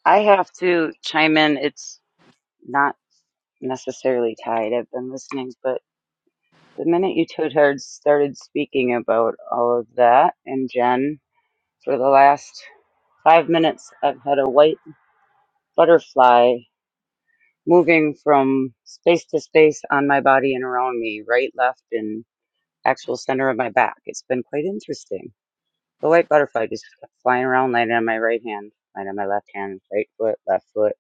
F: I have to chime in. It's not necessarily tied. I've been listening, but the minute you two had started speaking about all of that, and Jen, for the last five minutes, I've had a white butterfly moving from space to space on my body and around me, right, left, and actual center of my back. It's been quite interesting. The white butterfly just kept flying around, landing on my right hand, landing on my left hand, right foot, left foot,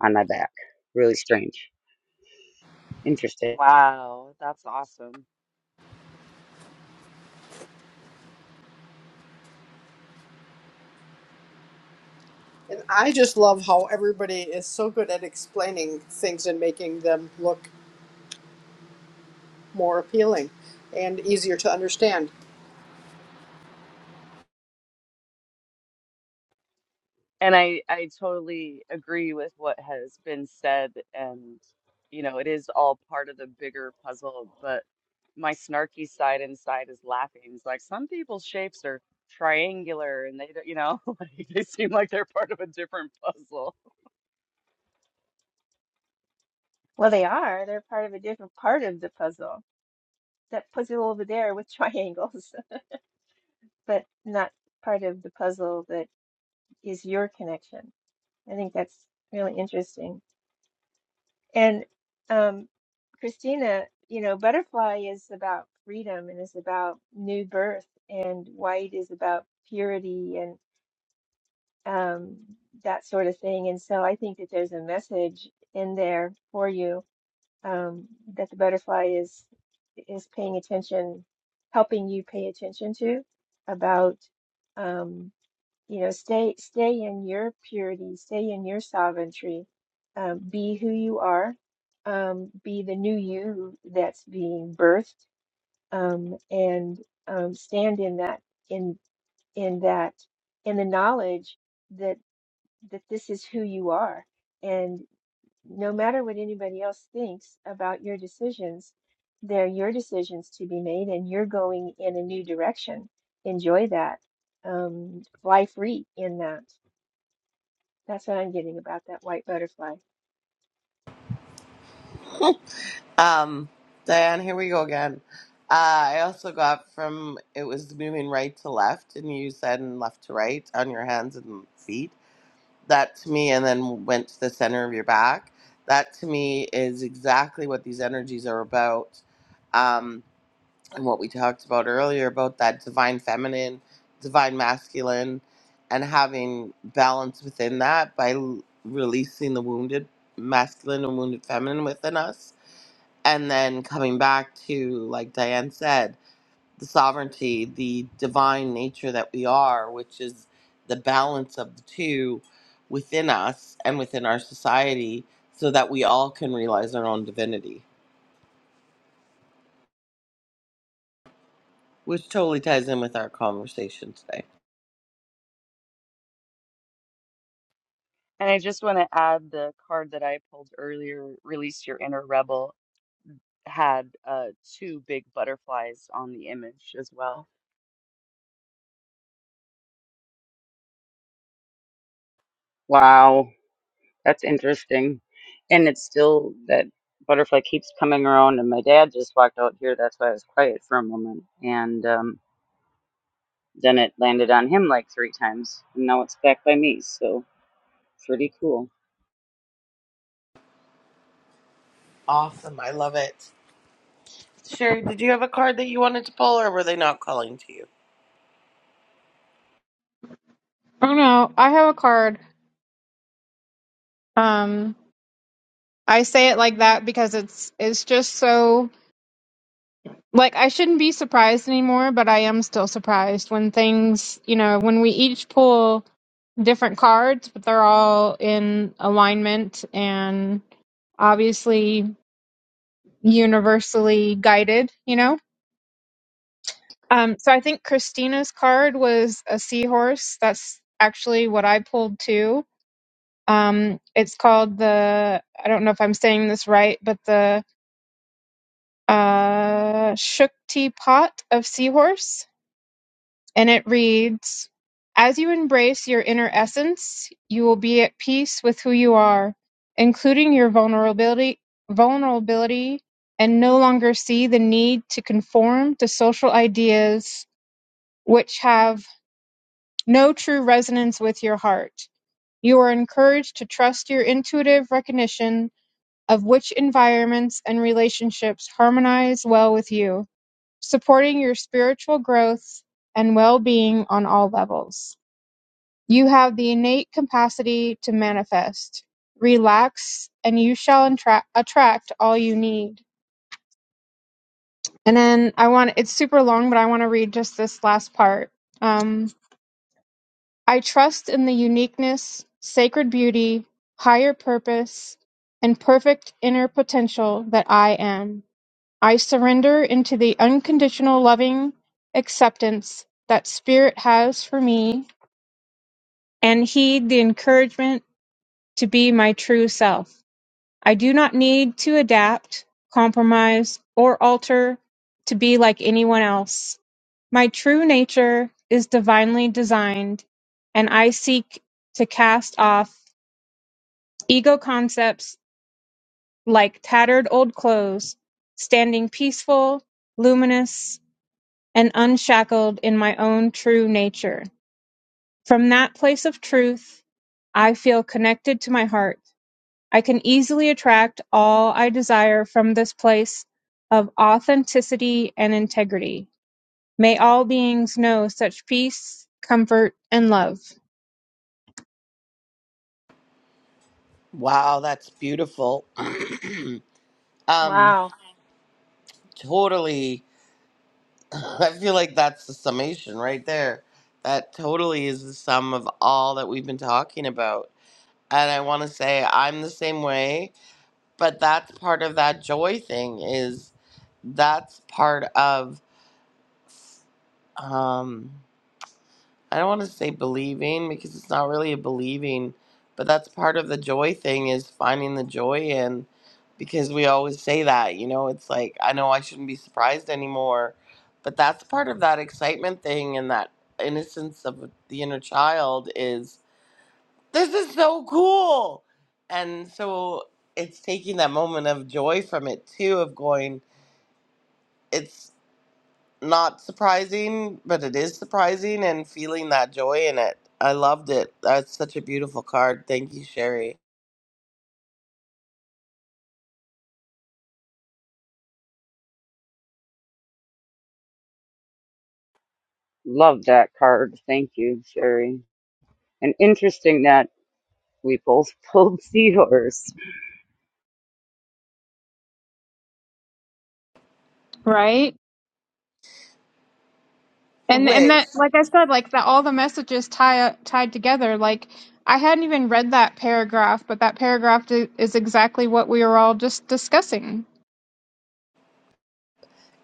F: on my back. Really strange. Interesting.
B: Wow, that's awesome.
D: And I just love how everybody is so good at explaining things and making them look more appealing and easier to understand.
B: And I I totally agree with what has been said and you know, it is all part of the bigger puzzle, but my snarky side inside is laughing. It's like some people's shapes are triangular and they don't, you know, like they seem like they're part of a different puzzle.
G: Well, they are. They're part of a different part of the puzzle. That puzzle over there with triangles, but not part of the puzzle that is your connection. I think that's really interesting. And um, Christina, you know, butterfly is about freedom and is about new birth, and white is about purity and um, that sort of thing. And so I think that there's a message in there for you um, that the butterfly is is paying attention, helping you pay attention to about. Um, you know, stay stay in your purity, stay in your sovereignty, um, be who you are, um, be the new you that's being birthed, um, and um, stand in that in in that in the knowledge that that this is who you are, and no matter what anybody else thinks about your decisions, they're your decisions to be made, and you're going in a new direction. Enjoy that. Um, fly free in that. That's what I'm getting about that white butterfly.
A: Um, Diane, here we go again. Uh, I also got from it was moving right to left, and you said and left to right on your hands and feet that to me and then went to the center of your back that to me is exactly what these energies are about um, and what we talked about earlier about that divine feminine divine masculine and having balance within that by l- releasing the wounded masculine and wounded feminine within us and then coming back to like diane said the sovereignty, the divine nature that we are, which is the balance of the two within us and within our society, so that we all can realize our own divinity, which totally ties in with our conversation today.
B: And I just want to add the card that I pulled earlier, Release Your Inner Rebel, had uh two big butterflies on the image as well.
F: Wow, that's interesting. And it's still that butterfly keeps coming around, and my dad just walked out here. That's why I was quiet for a moment. And um, then it landed on him like three times, and now it's back by me. So pretty cool.
A: Awesome. I love it. Sherry, did you have a card that you wanted to pull, or were they not calling to you?
E: oh no i have a card um i say it like that because it's it's just so like i shouldn't be surprised anymore but i am still surprised when things you know when we each pull different cards but they're all in alignment and obviously universally guided you know Um, so I think Christina's card was a seahorse. That's actually what I pulled too. Um, it's called the, I don't know if I'm saying this right, but the uh, Shukti Pot of Seahorse. And it reads As you embrace your inner essence, you will be at peace with who you are, including your vulnerability, vulnerability and no longer see the need to conform to social ideas. Which have no true resonance with your heart. You are encouraged to trust your intuitive recognition of which environments and relationships harmonize well with you, supporting your spiritual growth and well being on all levels. You have the innate capacity to manifest. Relax, and you shall attra- attract all you need. And then I want it's super long, but I want to read just this last part. Um, I trust in the uniqueness, sacred beauty, higher purpose, and perfect inner potential that I am. I surrender into the unconditional loving acceptance that Spirit has for me and heed the encouragement to be my true self. I do not need to adapt, compromise, or alter to be like anyone else. My true nature is divinely designed, and I seek to cast off ego concepts like tattered old clothes, standing peaceful, luminous, and unshackled in my own true nature. From that place of truth, I feel connected to my heart. I can easily attract all I desire from this place of authenticity and integrity. May all beings know such peace, comfort, and love.
A: Wow, that's beautiful. um,
G: Wow.
A: totally. I feel like that's the summation right there. That totally is the sum of all that we've been talking about. And I want to say I'm the same way, but that's part of that joy thing is that's part of um I don't want to say believing because it's not really a believing, but that's part of the joy thing is finding the joy in because we always say that, you know, it's like I know I shouldn't be surprised anymore, but that's part of that excitement thing and that innocence of the inner child is this is so cool. And so it's taking that moment of joy from it too of going it's not surprising, but it is surprising and feeling that joy in it. I loved it. That's such a beautiful card. Thank you, Sherry.
F: Love that card. Thank you, Sherry. And interesting that we both pulled seahorse.
E: Right? And and
A: Which
E: that like I said, like that all the messages tie tied together. Like I hadn't even read that paragraph, but that paragraph i- is exactly what we were all just discussing.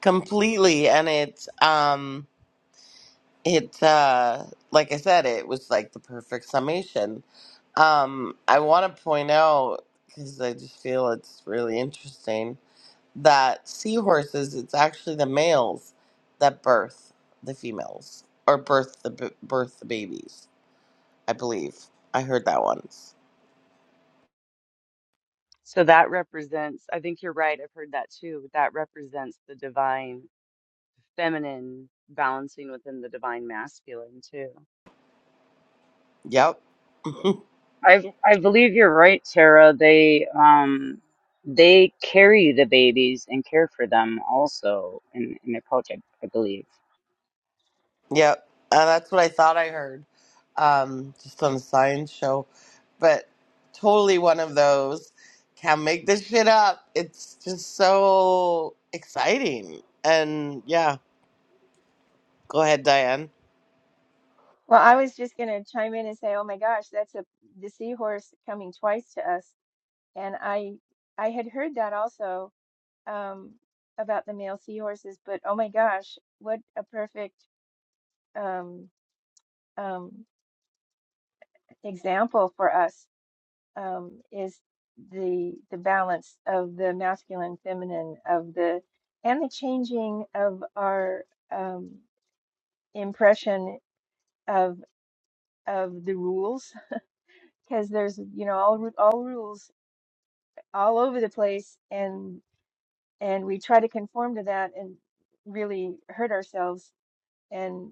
A: completely and it um it uh like I said, it was like the perfect summation. Um I want to point out cuz I just feel it's really interesting that seahorses it's actually the males that birth the females or birth the b- birth the babies I believe. I heard that once.
B: So that represents, I think you're right. I've heard that too. That represents the divine feminine balancing within the divine masculine too.
A: Yep.
F: I I believe you're right, Tara. They um they carry the babies and care for them also in in their culture, I believe.
A: Yep. Uh, that's what I thought I heard. Um, just on a science show. But totally one of those. Can't make this shit up. It's just so exciting. And yeah, go ahead, Diane.
G: Well, I was just going to chime in and say, oh my gosh, that's a the seahorse coming twice to us. And I I had heard that also um, about the male seahorses, but oh my gosh, what a perfect um, um, example for us um, is the the balance of the masculine, feminine, of the and the changing of our um, impression of of the rules because there's you know all ru- all rules all over the place and and we try to conform to that and really hurt ourselves and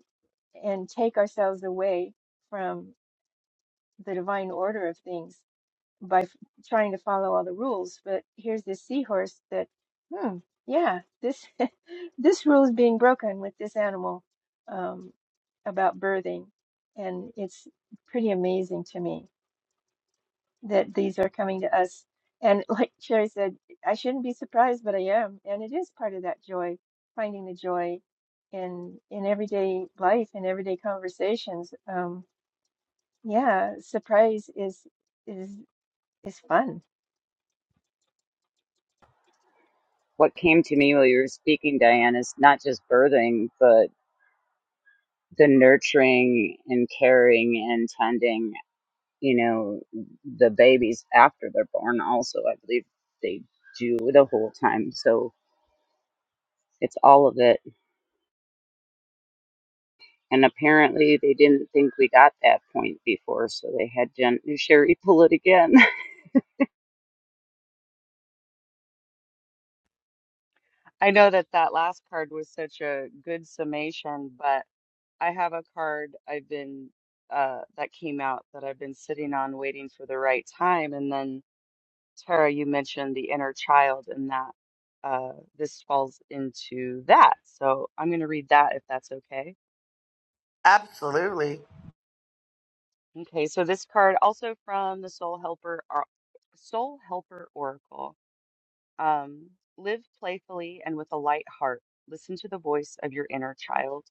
G: and take ourselves away from the divine order of things by f- trying to follow all the rules but here's this seahorse that hmm yeah this this rule is being broken with this animal um about birthing and it's pretty amazing to me that these are coming to us. And like Sherry said, I shouldn't be surprised, but I am. And it is part of that joy, finding the joy in in everyday life and everyday conversations. Um, yeah, surprise is is is fun.
F: What came to me while you were speaking, Diane, is not just birthing, but the nurturing and caring and tending, you know, the babies after they're born also, I believe they do the whole time. So it's all of it. And apparently they didn't think we got that point before, so they had Jen Sherry pull it again.
B: I know that that last card was such a good summation, but I have a card I've been uh that came out that I've been sitting on waiting for the right time and then Tara you mentioned the inner child and that uh this falls into that. So I'm going to read that if that's okay.
A: Absolutely.
B: Okay, so this card also from the Soul Helper or Soul Helper Oracle. Um, live playfully and with a light heart. Listen to the voice of your inner child.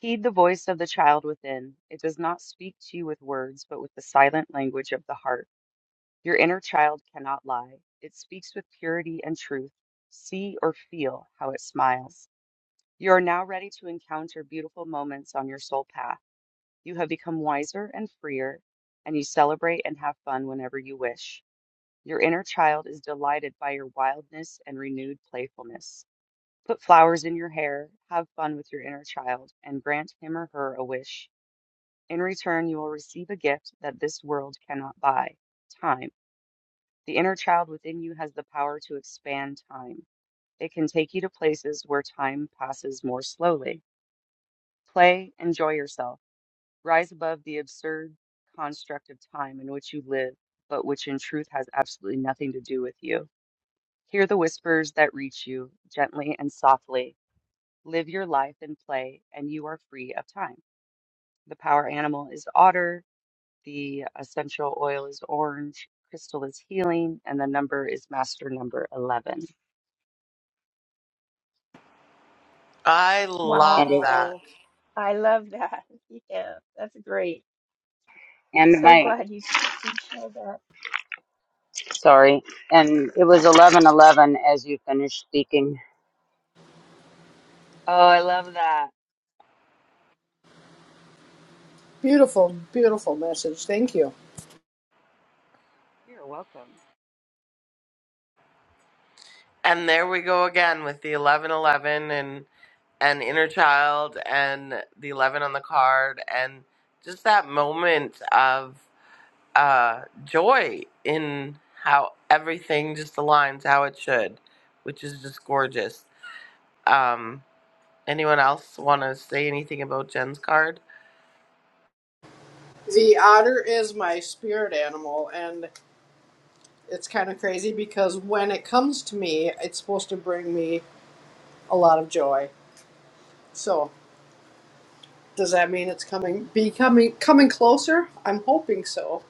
B: Heed the voice of the child within. It does not speak to you with words, but with the silent language of the heart. Your inner child cannot lie. It speaks with purity and truth. See or feel how it smiles. You are now ready to encounter beautiful moments on your soul path. You have become wiser and freer, and you celebrate and have fun whenever you wish. Your inner child is delighted by your wildness and renewed playfulness. Put flowers in your hair, have fun with your inner child, and grant him or her a wish. In return, you will receive a gift that this world cannot buy time. The inner child within you has the power to expand time. It can take you to places where time passes more slowly. Play, enjoy yourself Rise above the absurd construct of time in which you live, but which in truth has absolutely nothing to do with you. Hear the whispers that reach you gently and softly. Live your life and play, and you are free of time. The power animal is otter, the essential oil is orange, crystal is healing, and the number is master number 11.
A: I
F: And
A: love
F: it,
A: that.
G: Wow. I love that. Yeah, that's great. I'm
F: and
G: so
F: my,
G: glad you you shared that.
F: sorry, and it was 11:11 as you finished speaking.
B: Oh, I love that.
D: Beautiful, beautiful message. Thank you.
B: You're welcome.
A: And there we go again with the 1111 and and inner child and the 11 on the card and just that moment of uh, joy in how everything just aligns how it should, which is just gorgeous. Um, anyone else want to say anything about Jen's card?
D: The otter is my spirit animal, and It's kind of crazy because when it comes to me, it's supposed to bring me a lot of joy. So, does that mean it's coming becoming coming closer? I'm hoping so.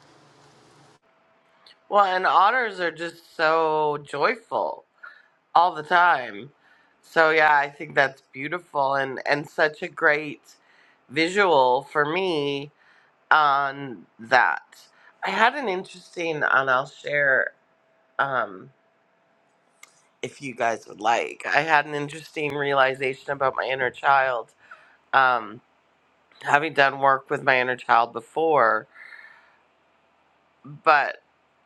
A: Well, and otters are just so joyful all the time. So yeah, I think that's beautiful and and such a great visual for me on that. I had an interesting, and I'll share. Um, if you guys would like. I had an interesting realization about my inner child, um, having done work with my inner child before, but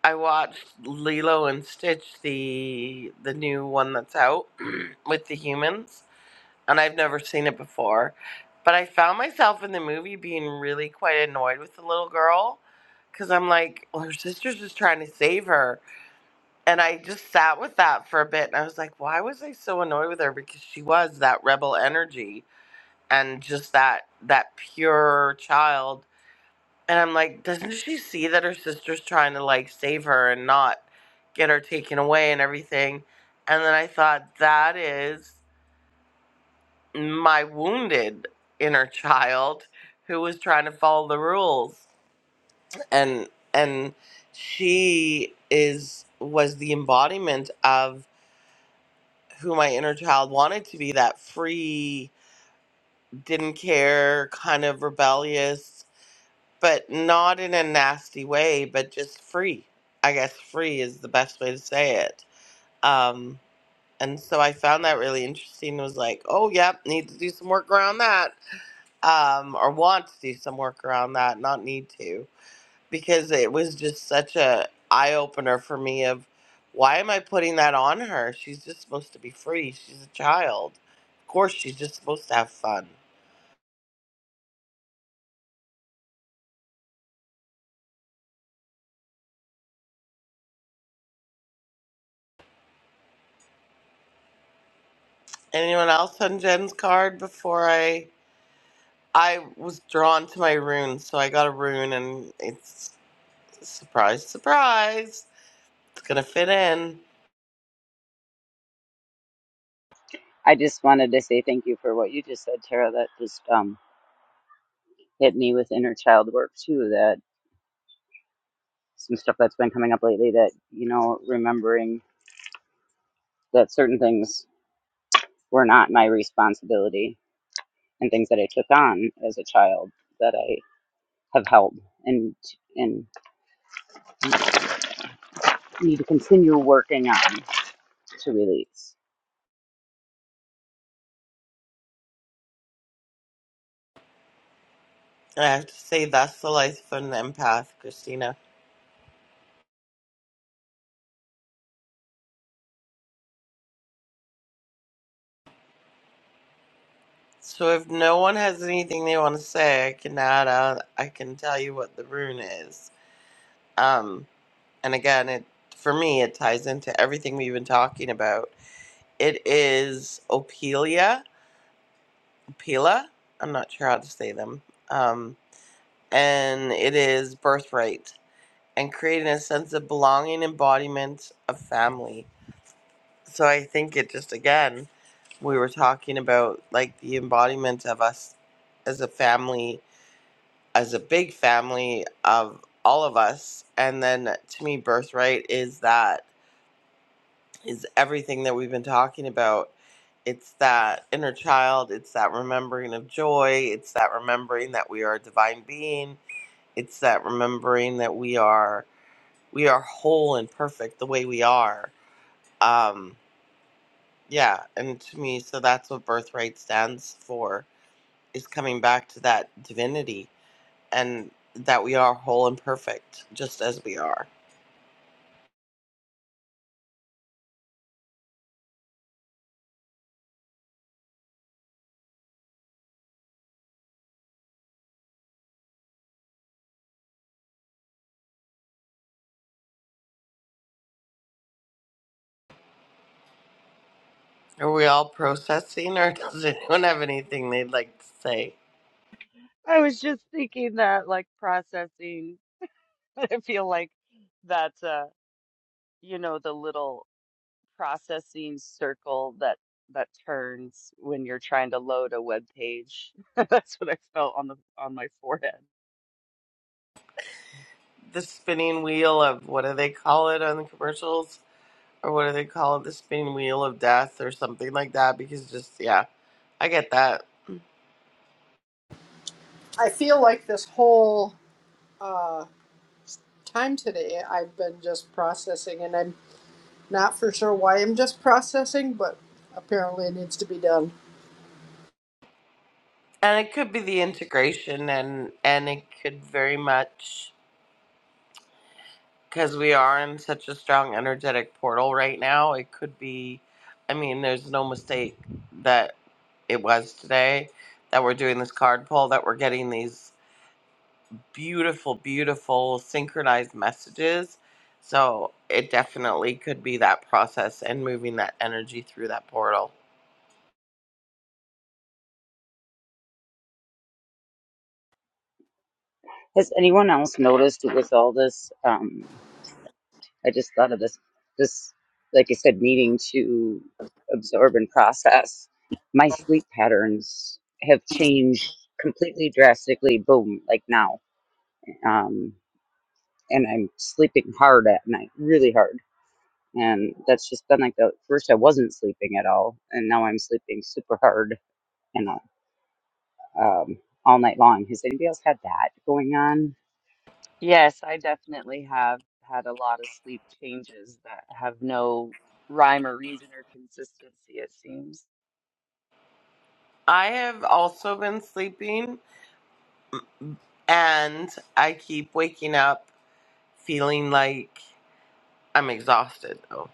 A: I watched Lilo and Stitch, the the new one that's out with the humans, and I've never seen it before. But I found myself in the movie being really quite annoyed with the little girl because I'm like, well, her sister's just trying to save her And I just sat with that for a bit and I was like, why was I so annoyed with her? Because she was that rebel energy and just that that pure child. And I'm like, doesn't she see that her sister's trying to like save her and not get her taken away and everything? And then I thought that is my wounded inner child who was trying to follow the rules. And and she is was the embodiment of who my inner child wanted to be that free, didn't care, kind of rebellious, but not in a nasty way, but just free. I guess free is the best way to say it. Um, and so I found that really interesting. Was like, oh, yep, need to do some work around that, um, or want to do some work around that, not need to because it was just such a eye opener for me of why am I putting that on her? She's just supposed to be free. She's a child. Of course she's just supposed to have fun. Anyone else on Jen's card before I I was drawn to my rune, so I got a rune and it's surprise surprise. It's gonna fit in.
F: I just wanted to say thank you for what you just said, Tara. That just um, hit me with inner child work too. That some stuff that's been coming up lately. That you know, remembering that certain things were not my responsibility and things that I took on as a child that I have held and and need to continue working on to release.
A: And I have to say that's the life of an empath, Christina. So if no one has anything they want to say, I can add out. I can tell you what the rune is. Um, and again, it for me it ties into everything we've been talking about. It is Opelia, Opela. I'm not sure how to say them. Um, and it is birthright and creating a sense of belonging, embodiment of family. So I think it just again we were talking about like the embodiment of us as a family, as a big family of all of us. And then to me, birthright is that. is everything that we've been talking about. It's that inner child, it's that remembering of joy, it's that remembering that we are a divine being, it's that remembering that we are we are whole and perfect the way we are. Um yeah, and to me so that's what birthright stands for is coming back to that divinity and that we are whole and perfect just as we are. Are we all processing or does anyone have anything they'd like to say?
B: I was just thinking that, like processing. I feel like that's uh, you know, the little processing circle that that turns when you're trying to load a web page. That's what I felt on the on my forehead.
A: the spinning wheel of what do they call it on the commercials or what do they call it the spinning wheel of death or something like that because just yeah i get that
D: I feel like this whole time today I've been just processing and I'm not for sure why I'm just processing, but apparently it needs to be done.
A: and it could be the integration and and it could very much because we are in such a strong energetic portal right now it could be i mean there's no mistake that it was today that we're doing this card pull that we're getting these beautiful, beautiful synchronized messages. So it definitely could be that process and moving that energy through that portal.
F: Has anyone else noticed with all this? Um, I just thought of this, this, like I said, needing to absorb and process. My sleep patterns have changed completely drastically, boom, like now. Um, and I'm sleeping hard at night, really hard. And that's just been like the first I wasn't sleeping at all. And now I'm sleeping super hard and uh, um, all night long. Has anybody else had that going on?
B: Yes, I definitely have had a lot of sleep changes that have no rhyme or reason or consistency, it seems.
A: I have also been sleeping and I keep waking up feeling like I'm exhausted though.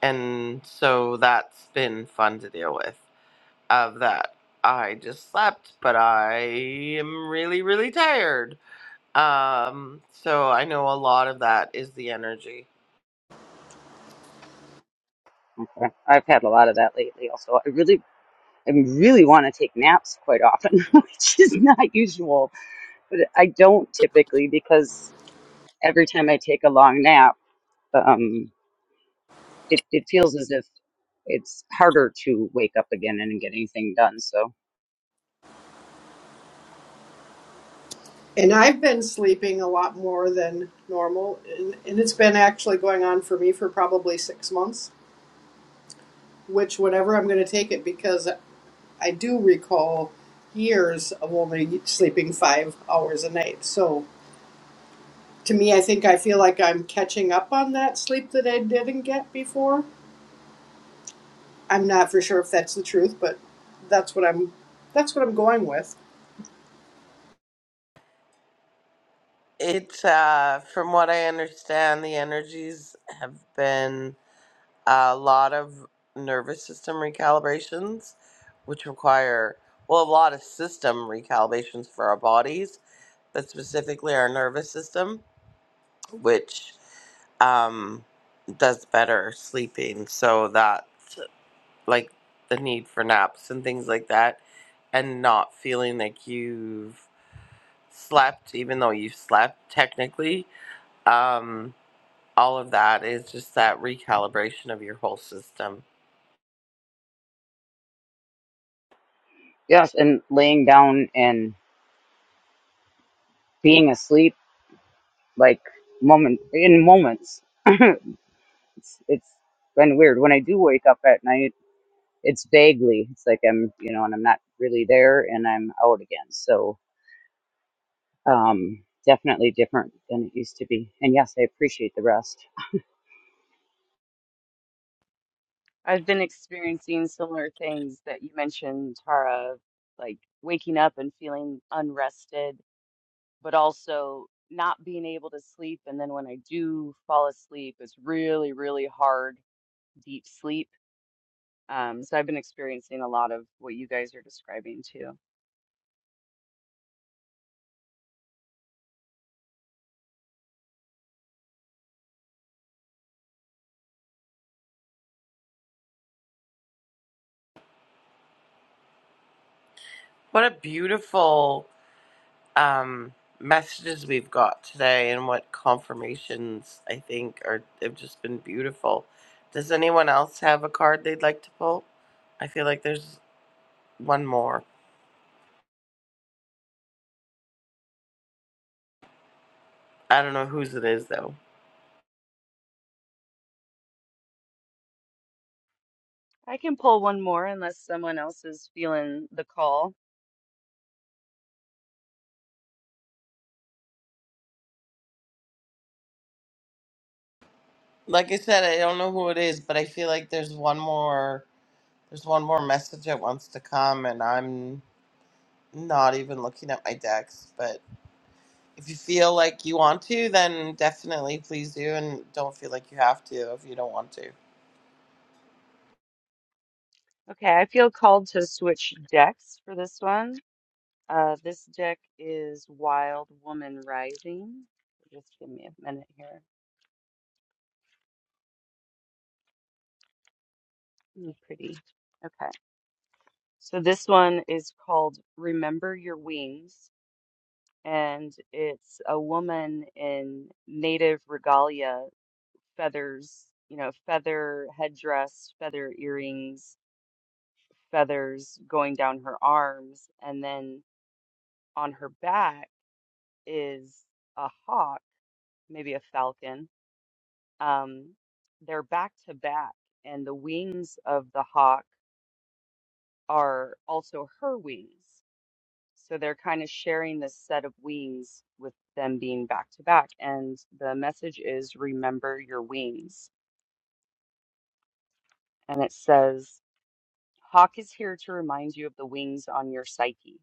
A: And so that's been fun to deal with of that. I just slept, but I am really, really tired. Um, so I know a lot of that is the energy.
F: I've had a lot of that lately also. I really I really want to take naps quite often, which is not usual, but I don't typically because every time I take a long nap, um, it, it feels as if it's harder to wake up again and get anything done. So,
D: And I've been sleeping a lot more than normal, and, and it's been actually going on for me for probably six months, which, whenever I'm going to take it, because I do recall years of only sleeping five hours a night. So to me, I think I feel like I'm catching up on that sleep that I didn't get before. I'm not for sure if that's the truth, but that's what I'm that's what I'm going with.
A: It's uh, from what I understand, the energies have been a lot of nervous system recalibrations, which require well a lot of system recalibrations for our bodies, but specifically our nervous system, which um, does better sleeping. So that like the need for naps and things like that, and not feeling like you've slept, even though you slept technically. Um, all of that is just that recalibration of your whole system.
F: yes, and laying down and being asleep, like moment in moments, it's, it's been weird. When I do wake up at night, it's vaguely, it's like I'm, you know, and I'm not really there and I'm out again. So, Um, definitely different than it used to be. And yes, I appreciate the rest.
B: I've been experiencing similar things that you mentioned, Tara, like waking up and feeling unrested, but also not being able to sleep. And then when I do fall asleep, it's really, really hard deep sleep. Um, so I've been experiencing a lot of what you guys are describing too.
A: What a beautiful um, messages we've got today, and what confirmations I think are have just been beautiful. Does anyone else have a card they'd like to pull? I feel like there's one more. I don't know whose it is though.
B: I can pull one more unless someone else is feeling the call.
A: Like I said, I don't know who it is, but I feel like there's one more. There's one more message that wants to come, and I'm not even looking at my decks, but. if you feel like you want to, then definitely please do, and don't feel like you have to if you don't want to.
B: Okay, I feel called to switch decks for this one. Uh, this deck is Wild Woman Rising. Just give me a minute here. Ooh, pretty. Okay. So this one is called Remember Your Wings, and it's a woman in native regalia feathers, you know, feather headdress, feather earrings, feathers going down her arms, and then on her back is a hawk, maybe a falcon. Um, they're back to back, and the wings of the hawk are also her wings. So they're kind of sharing this set of wings with them being back to back. And the message is remember your wings. And it says, Hawk is here to remind you of the wings on your psyche,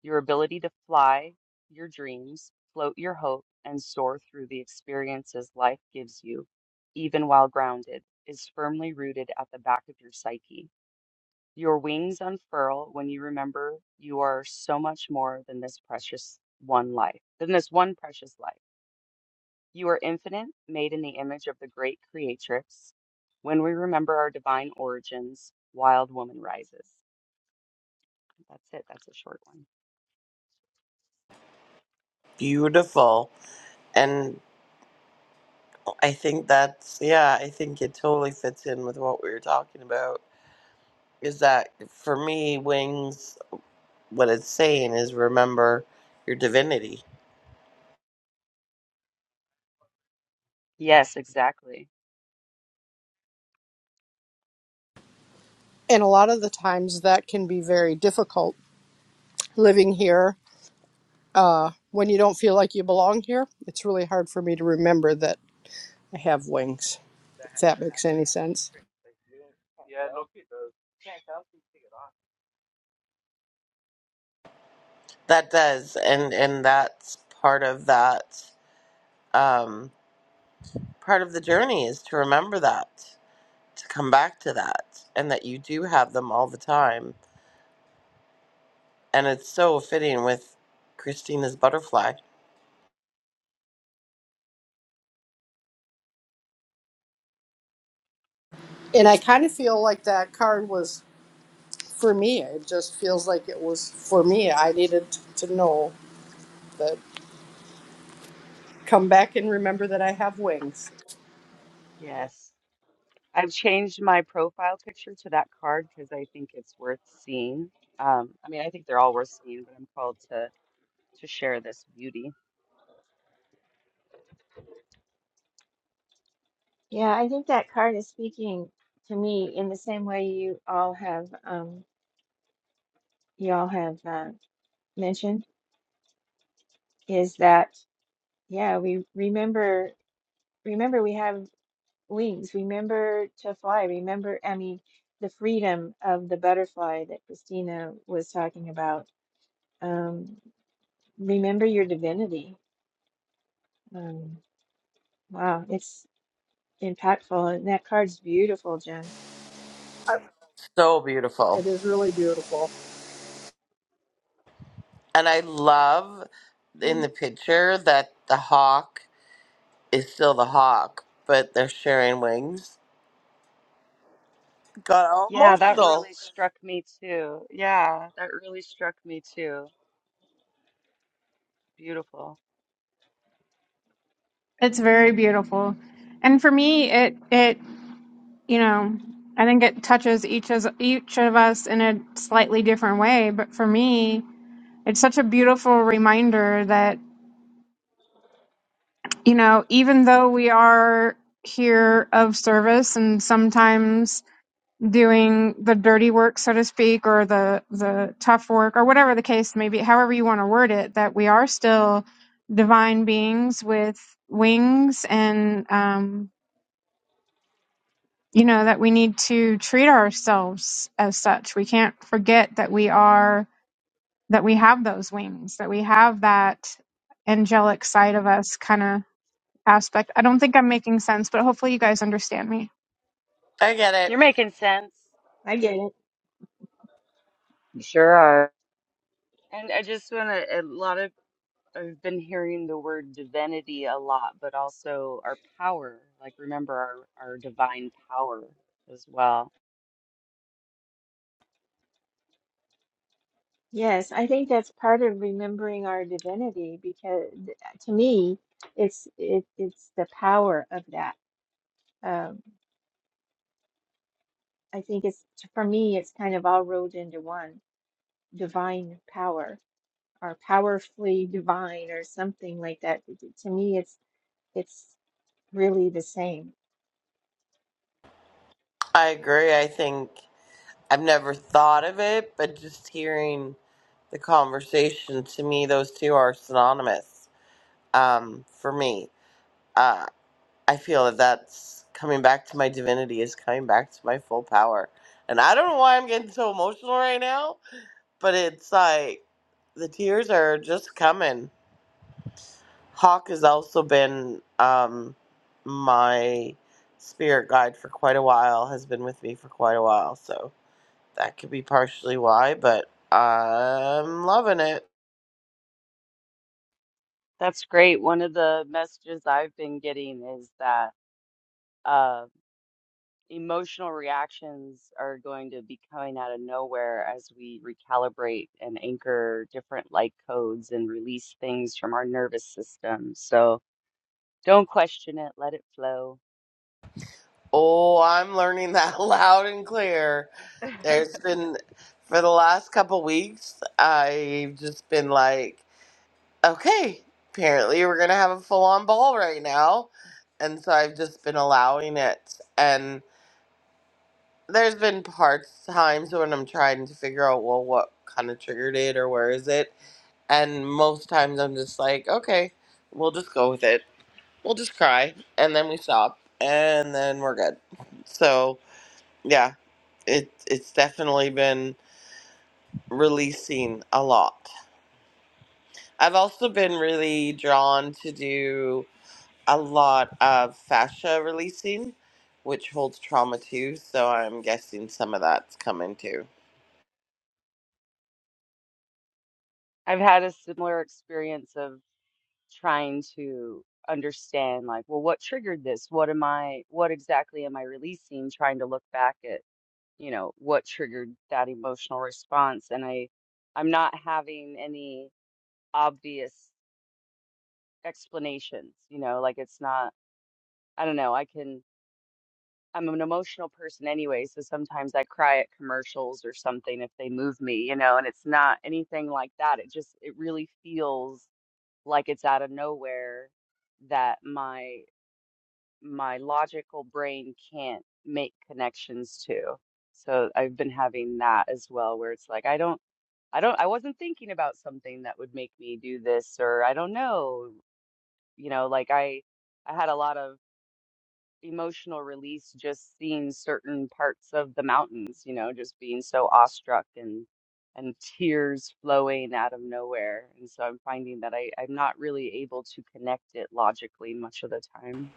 B: your ability to fly, your dreams, float your hope, and soar through the experiences life gives you, even while grounded, is firmly rooted at the back of your psyche. Your wings unfurl when you remember you are so much more than this precious one life, than this one precious life. You are infinite, made in the image of the great creatrix. When we remember our divine origins, wild woman rises. That's it. That's a short one.
A: Beautiful. And I think that's, yeah, I think it totally fits in with what we were talking about. Is that for me, wings, what it's saying is remember your divinity.
B: Yes, exactly.
D: And a lot of the times that can be very difficult living here when you don't feel like you belong here. It's really hard for me to remember that I have wings, if that makes any sense.
A: That does. And, and that's part of that, um, part of the journey is to remember that, to come back to that, and that you do have them all the time and it's so fitting with Christina's butterfly.
D: And I kind of feel like that card was for me. It just feels like it was for me. I needed t- to know that, come back and remember that I have wings.
B: Yes. I've changed my profile picture to that card because I think it's worth seeing. Um, I mean, I think they're all worth seeing, but I'm called to to share this beauty.
G: Yeah, I think that card is speaking to me in the same way you all have um you all have uh, mentioned. is that yeah we remember remember we have wings remember to fly remember i mean the freedom of the butterfly that christina was talking about um remember your divinity um wow it's impactful and that card's beautiful jen
D: I,
A: So
D: it
A: beautiful.
D: is really beautiful.
A: And I love in the picture that the hawk is still the hawk, but they're sharing wings. Got all
B: Yeah, that
A: emotional.
B: really struck me too. Yeah, that really struck me too. Beautiful.
E: It's very beautiful. And for me, it it, you know, I think it touches each as each of us in a slightly different way, but for me, it's such a beautiful reminder that, you know, even though we are here of service and sometimes doing the dirty work, so to speak, or the the tough work, or whatever the case may be, however you want to word it, that we are still divine beings with wings, and um, you know that we need to treat ourselves as such. We can't forget that we are that we have those wings, that we have that angelic side of us, kind of aspect. I don't think I'm making sense, but hopefully you guys understand me.
A: I get it.
B: You're making sense.
G: i get it
F: You Sure are.
B: And I just want to, a lot of, I've been hearing the word divinity a lot, but also our power, like remember our, our divine power as well.
G: yes i think that's part of remembering our divinity because th- to me it's it, it's the power of that Um, I think it's for me, it's kind of all rolled into one divine power or powerfully divine or something like that. T- t- To me, it's it's really the same.
A: I agree. I think I've never thought of it, but just hearing the conversation to me, those two are synonymous um, for me. Uh, I feel that that's coming back to my divinity is coming back to my full power. And I don't know why I'm getting so emotional right now, but it's like the tears are just coming. Hawk has also been um, my spirit guide for quite a while, has been with me for quite a while. So that could be partially why, but I'm loving it.
B: That's great. One of the messages I've been getting is that uh, emotional reactions are going to be coming out of nowhere as we recalibrate and anchor different light codes and release things from our nervous system. So don't question it, let it flow.
A: Oh, I'm learning that loud and clear. There's been for the last couple weeks, I've just been like, okay, apparently we're gonna have a full on ball right now, and so I've just been allowing it. And there's been parts times when I'm trying to figure out well what kind of triggered it or where is it, and most times I'm just like, okay, we'll just go with it. We'll just cry, and then we stop, and then we're good. So yeah, it it's definitely been. releasing a lot. I've also been really drawn to do a lot of fascia releasing, which holds trauma too. So I'm guessing some of that's coming too.
B: I've had a similar experience of trying to understand, like, well, what triggered this? What am I, what exactly am I releasing? Trying to look back at you know, what triggered that emotional response. And I, I'm not having any obvious explanations, you know, like it's not, I don't know, I can, I'm an emotional person anyway. So sometimes I cry at commercials or something if they move me, you know, and it's not anything like that. It just, it really feels like it's out of nowhere that my, my logical brain can't make connections to. So I've been having that as well, where it's like, I don't I don't, I wasn't thinking about something that would make me do this, or I don't know, you know, like I, I had a lot of emotional release just seeing certain parts of the mountains, you know, just being so awestruck and, and tears flowing out of nowhere. And so I'm finding that I, I'm not really able to connect it logically much of the time.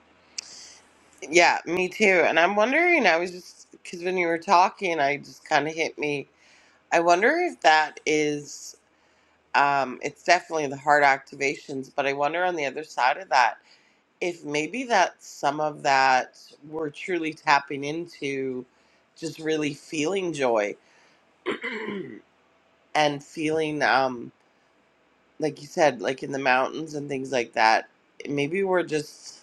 A: Yeah, me too. And I'm wondering, I was just, because when you were talking, I just kind of hit me. I wonder if that is, um, it's definitely the heart activations, but I wonder on the other side of that if maybe that some of that we're truly tapping into just really feeling joy and feeling um like you said like in the mountains and things like that maybe we're just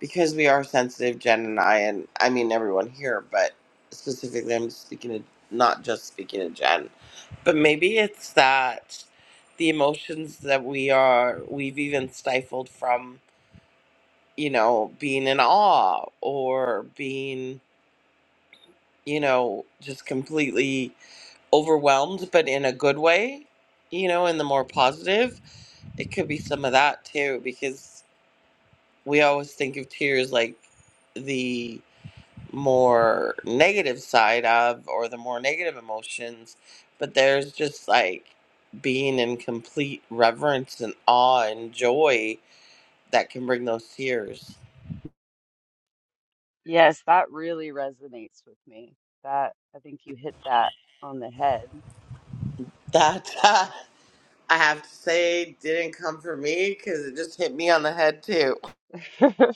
A: because we are sensitive jen and i and i mean everyone here but specifically i'm speaking to not just speaking to jen but maybe it's that the emotions that we are we've even stifled from you know being in awe or being you know, just completely overwhelmed, but in a good way, you know, in the more positive. It could be some of that too, because we always think of tears like the more negative side of or the more negative emotions, but there's just like being in complete reverence and awe and joy that can bring those tears.
B: Yes, that really resonates with me. That, I think you hit that on the head.
A: That I have to say didn't come for me because it just hit me on the head too.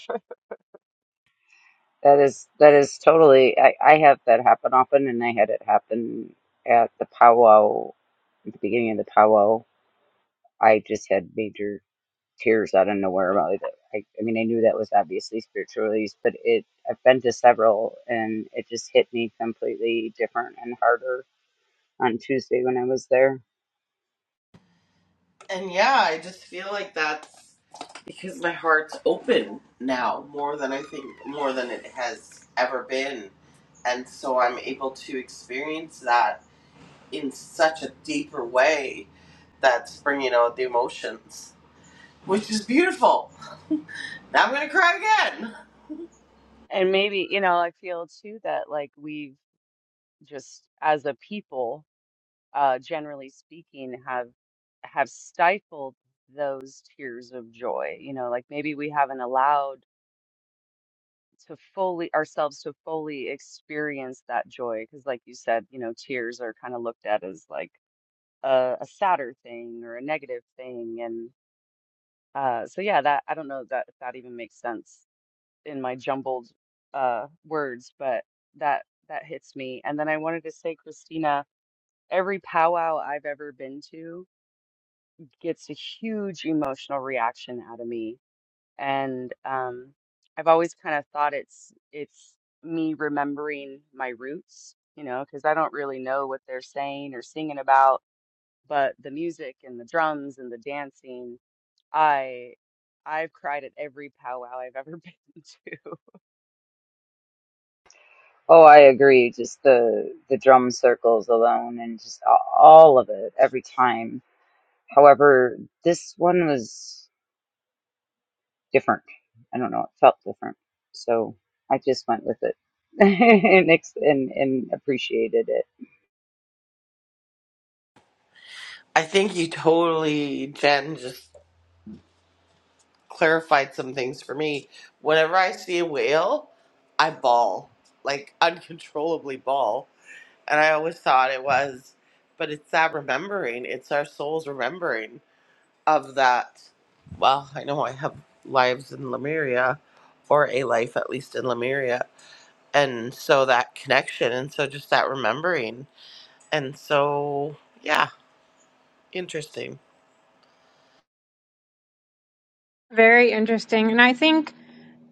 F: That is that is totally. I, I have that happen often, and I had it happen at the powwow at the beginning of the powwow. I just had major. tears out of nowhere about it. I, I mean, I knew that was obviously spiritual release, but it I've been to several, and it just hit me completely different and harder on Tuesday when I was there.
A: And yeah, I just feel like that's because my heart's open now more than I think, more than it has ever been. And so I'm able to experience that in such a deeper way that's bringing out the emotions, which is beautiful. Now I'm going to cry again.
B: And maybe, you know, I feel too that like we've, just as a people, uh, generally speaking, have have stifled those tears of joy. You know, like maybe we haven't allowed to fully ourselves to fully experience that joy because, like you said, you know, tears are kind of looked at as like a, a sadder thing or a negative thing, and uh, so yeah, that I don't know that if that even makes sense in my jumbled uh, words, but that that hits me. And then I wanted to say, Christina Every powwow I've ever been to gets a huge emotional reaction out of me. And um, I've always kind of thought it's it's me remembering my roots, you know, because I don't really know what they're saying or singing about, but the music and the drums and the dancing, I I've cried at every powwow I've ever been to.
F: Oh, I agree. Just the the drum circles alone, and just all of it every time. However, this one was different. I don't know. It felt different, so I just went with it and ex- and, and appreciated it.
A: I think you totally, Jen, just clarified some things for me. Whenever I see a whale, I bawl, like uncontrollably bawl and I always thought it was, but it's that remembering. It's our soul's remembering of that. Well, I know I have lives in Lemuria, or a life at least in Lemuria, and so that connection, and so just that remembering, and so yeah, interesting.
E: Very interesting, and I think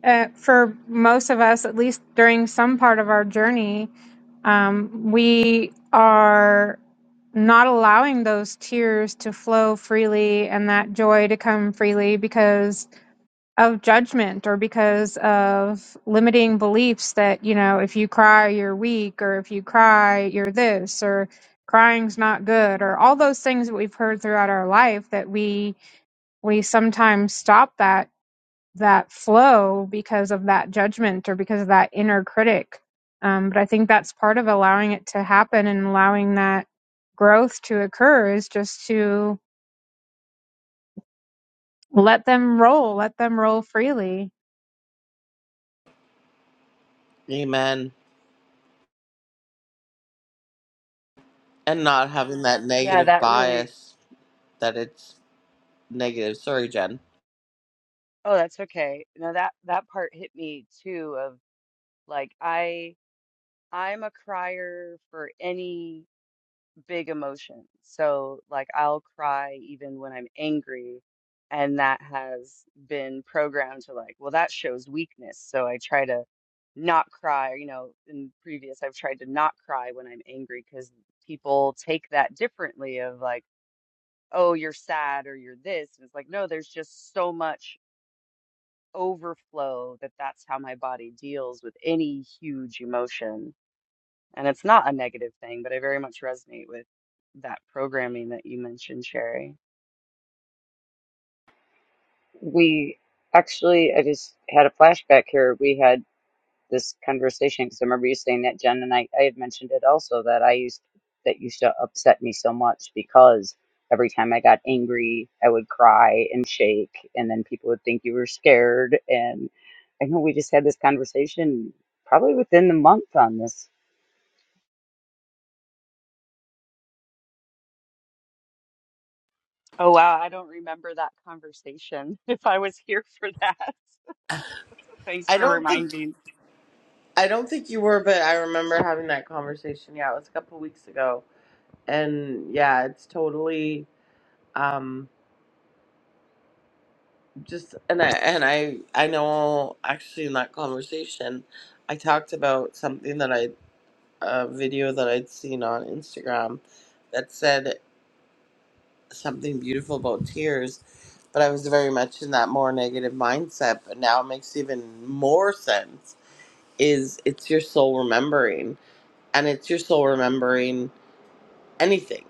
E: uh, for most of us, at least during some part of our journey, um, we are not allowing those tears to flow freely and that joy to come freely because of judgment or because of limiting beliefs that, you know, if you cry, you're weak, or if you cry, you're this, or crying's not good, or all those things that we've heard throughout our life that we we sometimes stop that that flow because of that judgment or because of that inner critic. Um, but I think that's part of allowing it to happen and allowing that growth to occur is just to let them roll, let them roll freely.
A: Amen. And not having that
B: Yeah,
A: negative
B: that really,
A: bias that it's negative. Sorry, Jen.
B: oh, that's okay. No, that that part hit me too of like I I'm a crier for any big emotion. So, like, I'll cry even when I'm angry. And that has been programmed to, like, well, that shows weakness. So I try to not cry. You know, in previous, I've tried to not cry when I'm angry because people take that differently of, like, oh, you're sad or you're this. And it's like, no, there's just so much overflow that that's how my body deals with any huge emotion and it's not a negative thing, but I very much resonate with that programming that you mentioned, Sherry.
F: We actually, I just had a flashback here. We had this conversation because I remember you saying that, Jen, and I, I had mentioned it also that I used that used to upset me so much because every time I got angry, I would cry and shake, and then people would think you were scared. And I know we just had this conversation probably within the month on this
B: Oh, wow. I don't remember that conversation if I was here for that. Thanks
A: I
B: for
A: don't think
B: reminding.
A: I don't think you were, but I remember having that conversation. Yeah, it was a couple weeks ago and yeah it's totally um just and i and i i know actually in that conversation i talked about something that i a video that i'd seen on instagram that said something beautiful about tears but i was very much in that more negative mindset but now it makes even more sense is it's your soul remembering and it's your soul remembering anything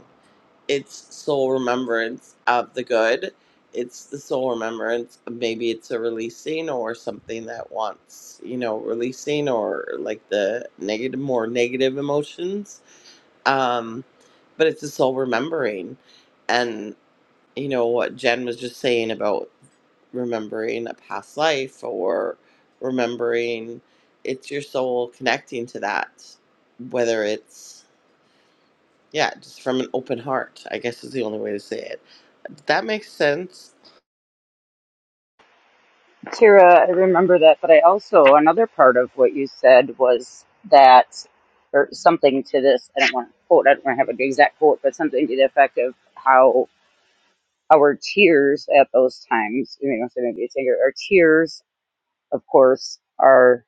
A: it's soul remembrance of the good. It's the soul remembrance. Maybe it's a releasing or something that wants, you know, releasing or like the negative, more negative emotions. Um, but it's a soul remembering. And, you know, what Jen was just saying about remembering a past life or remembering it's your soul connecting to that, whether it's yeah, just from an open heart, I guess is the only way to say it. That makes sense.
F: Kira, I remember that, but I also, another part of what you said was that, or something to this, I don't want to quote, I don't want to have an exact quote, but something to the effect of how our tears at those times, you know, so maybe it's anger, our tears, of course, are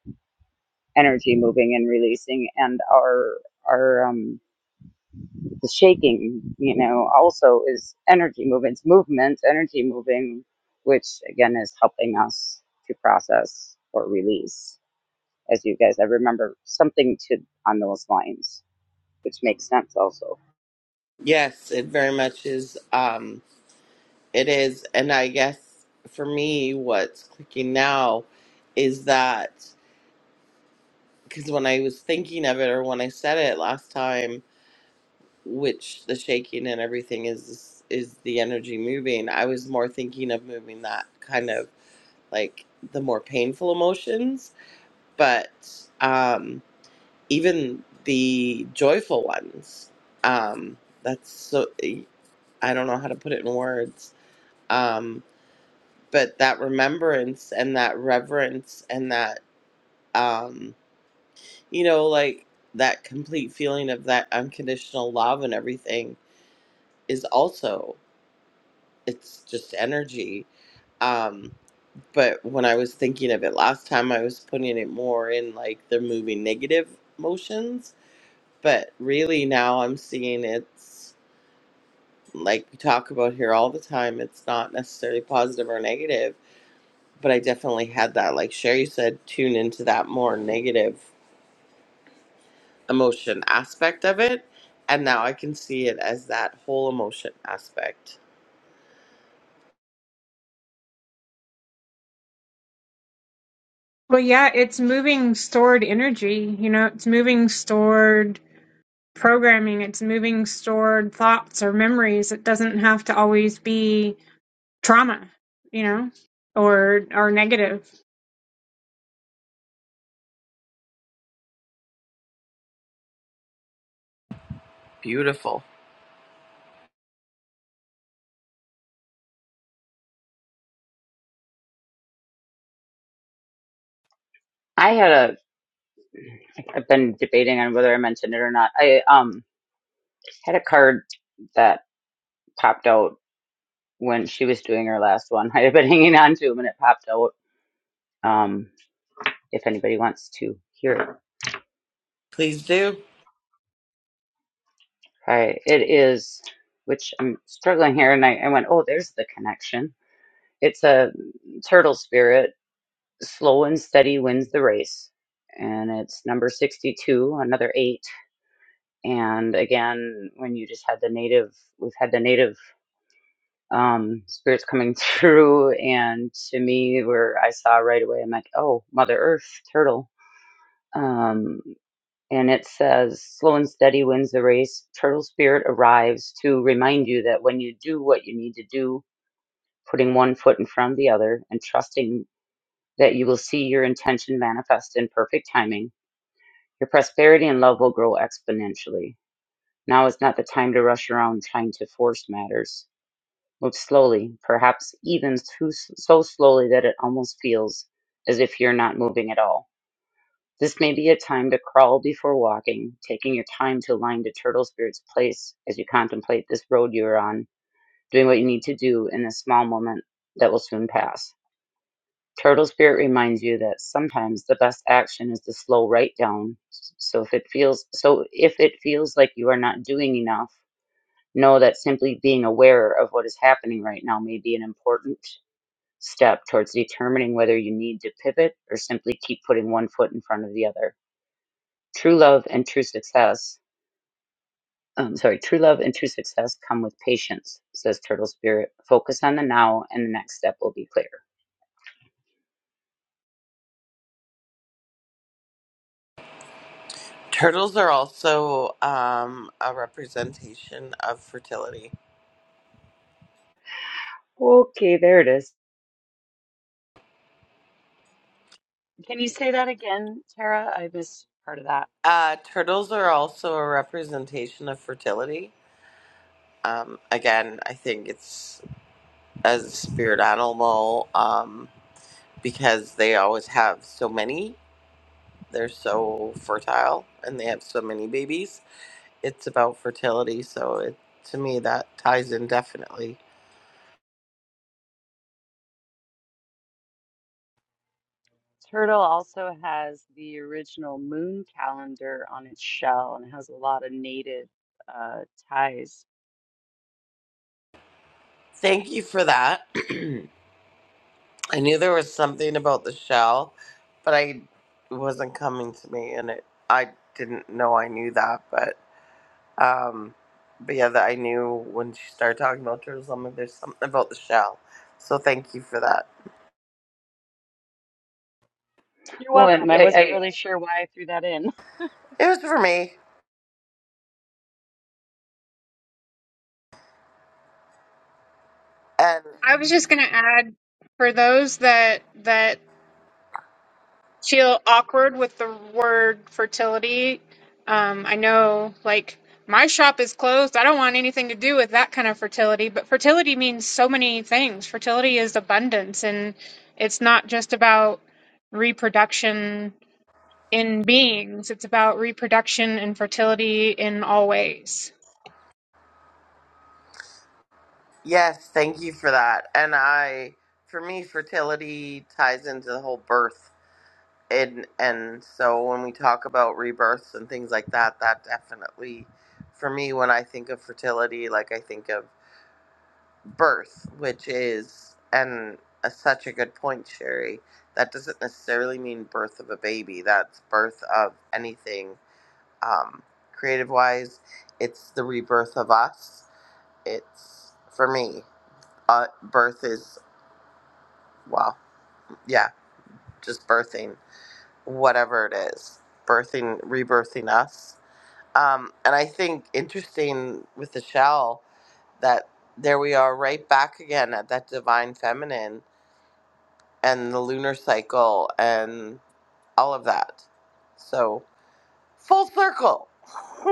F: energy moving and releasing, and our, our, um, the shaking, you know, also is energy moving, it's movement, energy moving, which again is helping us to process or release. as you guys. I remember something to on those lines, which makes sense also.
A: Yes, it very much is. Um, it is. And I guess for me, what's clicking now is that because when I was thinking of it or when I said it last time, which the shaking and everything is is the energy moving, I was more thinking of moving that kind of like the more painful emotions. But um, even the joyful ones um that's so i don't know how to put it in words um but that remembrance and that reverence and that um you know like that complete feeling of that unconditional love and everything is also it's just energy um but when i was thinking of it last time i was putting it more in like the moving negative motions but really now i'm seeing it's. like we talk about here all the time, it's not necessarily positive or negative, but I definitely had that, like Sherry said, tune into that more negative emotion aspect of it. And now I can see it as that whole emotion aspect.
E: Well, yeah, it's moving stored energy, you know, it's moving stored programming, it's moving stored thoughts or memories. It doesn't have to always be trauma, you know, or or negative
A: Beautiful.
F: I had a I've been debating on whether I mentioned it or not. I um had a card that popped out when she was doing her last one. I had been hanging on to to 'em and it popped out. Um if anybody wants to hear it.
A: Please do.
F: I it is which I'm struggling here and I, I went, Oh, there's the connection. It's a turtle spirit. Slow and steady wins the race. And it's number sixty two, another eight and again when you just had the native we've had the native um spirits coming through and to me where i saw right away i'm like oh mother earth turtle um and it says slow and steady wins the race turtle spirit arrives to remind you that when you do what you need to do putting one foot in front of the other and trusting that you will see your intention manifest in perfect timing your prosperity and love will grow exponentially Now is not the time to rush around trying to force matters. Move slowly, perhaps even too, so slowly that it almost feels as if you're not moving at all. This may be a time to crawl before walking, taking your time to align to Turtle Spirit's place as you contemplate this road you are on, doing what you need to do in this small moment that will soon pass. Turtle Spirit reminds you that sometimes the best action is to slow right down. So if it feels so if it feels like you are not doing enough know that simply being aware of what is happening right now may be an important step towards determining whether you need to pivot or simply keep putting one foot in front of the other. True love and true success, um, sorry, true love and true success come with patience, says Turtle Spirit. Focus on the now, and the next step will be clear.
A: Turtles are also um, a representation of fertility.
F: Okay, there it is.
B: Can you say that again, Tara? I missed part of that.
A: Uh, turtles are also a representation of fertility. Um, again, I think it's as a spirit animal. Um, because they always have so many. They're so fertile and they have so many babies. It's about fertility, so it to me that ties in definitely.
B: Turtle also has the original moon calendar on its shell and has a lot of native uh, ties.
A: Thank you for that. I knew there was something about the shell, but I it wasn't coming to me and it I didn't know I knew that, but um but yeah, that I knew when she started talking about Jerusalem, there's something about the shell. So thank you for that.
B: You're
F: Well, and
B: welcome. I
F: I,
B: wasn't
F: I
B: really sure why I threw that in.
A: It was for me. and.
E: I was just going to add for those that that feel awkward with the word fertility. Um, I know, like my shop is closed. I don't want anything to do with that kind of fertility. But fertility means so many things. Fertility is abundance, and it's not just about reproduction in beings. It's about reproduction and fertility in all ways.
A: Yes, thank you for that. And I, for me, fertility ties into the whole birth, and and so when we talk about rebirths and things like that, that definitely, for me, when I think of fertility, like I think of birth, which is and a, such a good point, Sherry. That doesn't necessarily mean birth of a baby. That's birth of anything, um, creative wise. It's the rebirth of us. It's for me uh, birth is Wow. Yeah. Just birthing whatever it is, birthing, rebirthing us. Um, and I think interesting with the shell that there we are right back again at that divine feminine and the lunar cycle and all of that. So full circle.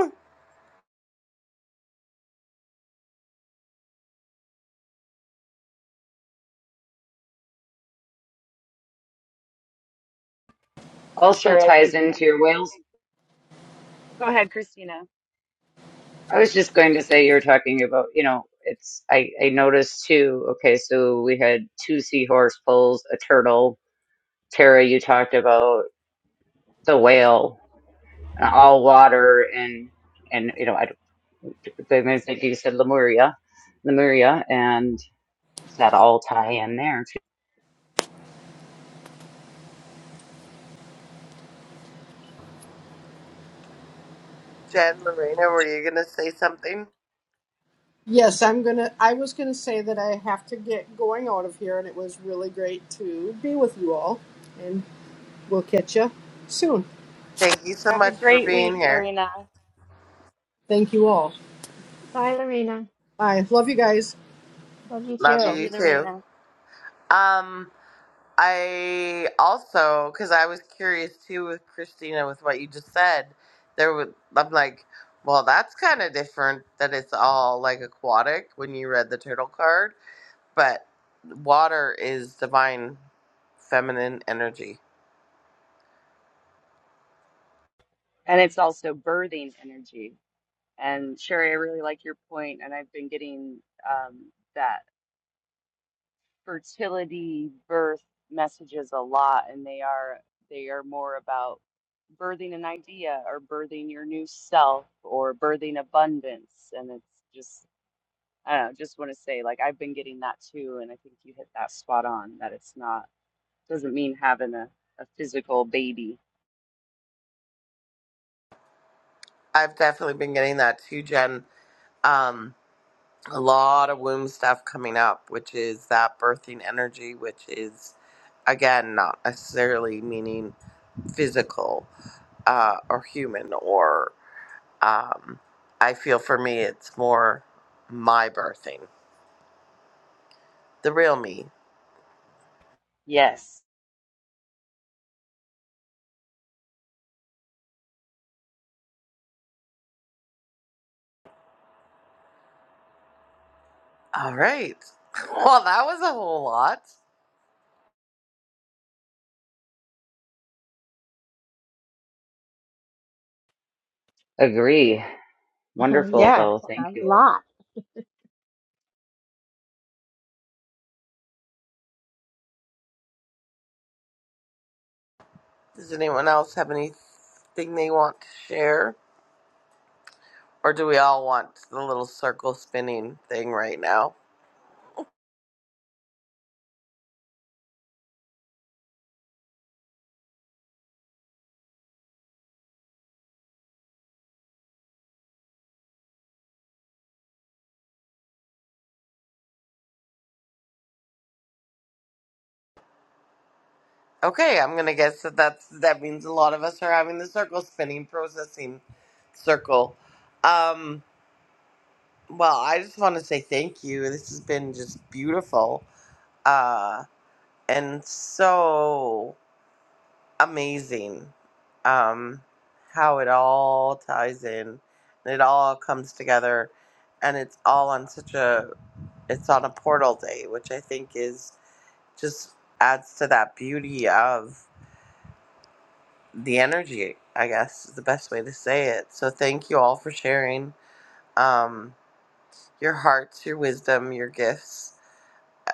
B: And
F: also
B: sure, I
F: ties
B: think,
F: into your whales.
B: go ahead, Christina.
F: I was just going to say you were talking about, you know, it's I, I noticed too, okay, so we had two seahorse poles, a turtle. Tara, you talked about the whale, uh, all water and and you know, I don't I think you said Lemuria. Lemuria and does that all tie in there too?
A: Jen, Lorena, were you going to say something?
D: Yes, I'm gonna. I was gonna say that I have to get going out of here, and it was really great to be with you all. And we'll catch you soon.
A: Thank you so much for being here.
D: Thank you all.
G: Bye, Lorena.
D: Bye. Love you guys.
G: Love you
A: Love
B: Love
G: too.
A: you
B: you,
A: too.
B: Lorena.
A: Um, I also, because I was curious too with Christina with what you just said, there was, I'm like, well, that's kind of different that it's all like aquatic when you read the turtle card, but water is divine feminine energy.
B: And it's also birthing energy. And Sherry, I really like your point, and I've been getting um, that fertility birth messages a lot, and they are they are more about birthing an idea or birthing your new self or birthing abundance. And it's just I don't know, just want to say like I've been getting that too, and I think you hit that spot on that it's not doesn't mean having a, a physical baby.
A: I've definitely been getting that too, Jen. Um, a lot of womb stuff coming up, which is that birthing energy, which is again not necessarily meaning physical uh, or human or. Um, I feel for me, it's more my birthing, the real me.
B: Yes.
A: All right. Well, that was a whole lot.
F: Agree. Wonderful
G: Yeah,
F: though. Thank
G: a
F: you.
G: lot.
A: Does anyone else have anything they want to share? Or do we all want the little circle spinning thing right now? Okay, I'm going to guess that that's, that means a lot of us are having the circle spinning, processing circle. Um, well, I just want to say thank you. This has been just beautiful uh, and so amazing um, how it all ties in and it all comes together and it's all on such a it's on a portal day which i think is just adds to that beauty of the energy i guess is the best way to say it so thank you all for sharing um, your hearts your wisdom your gifts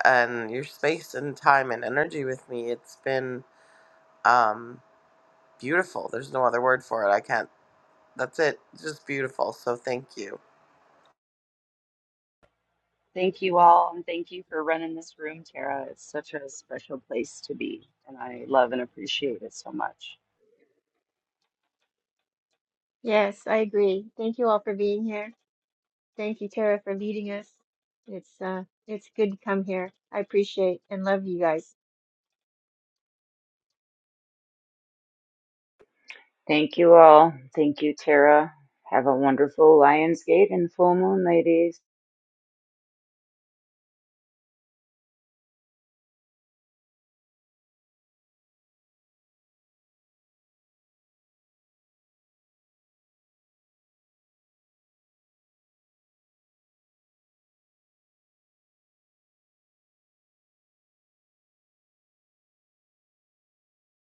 A: and your space and time and energy with me it's been um, beautiful there's no other word for it i can't that's it. It's Just beautiful. So thank you.
B: Thank you all, and thank you for running this room, Tara. It's such a special place to be, and I love and appreciate it so much.
G: Yes, I agree. Thank you all for being here. Thank you, Tara, for leading us. It's uh, it's good to come here. I appreciate and love you guys.
F: Thank you all. Thank you, Tara. Have a wonderful Lionsgate and full moon, ladies.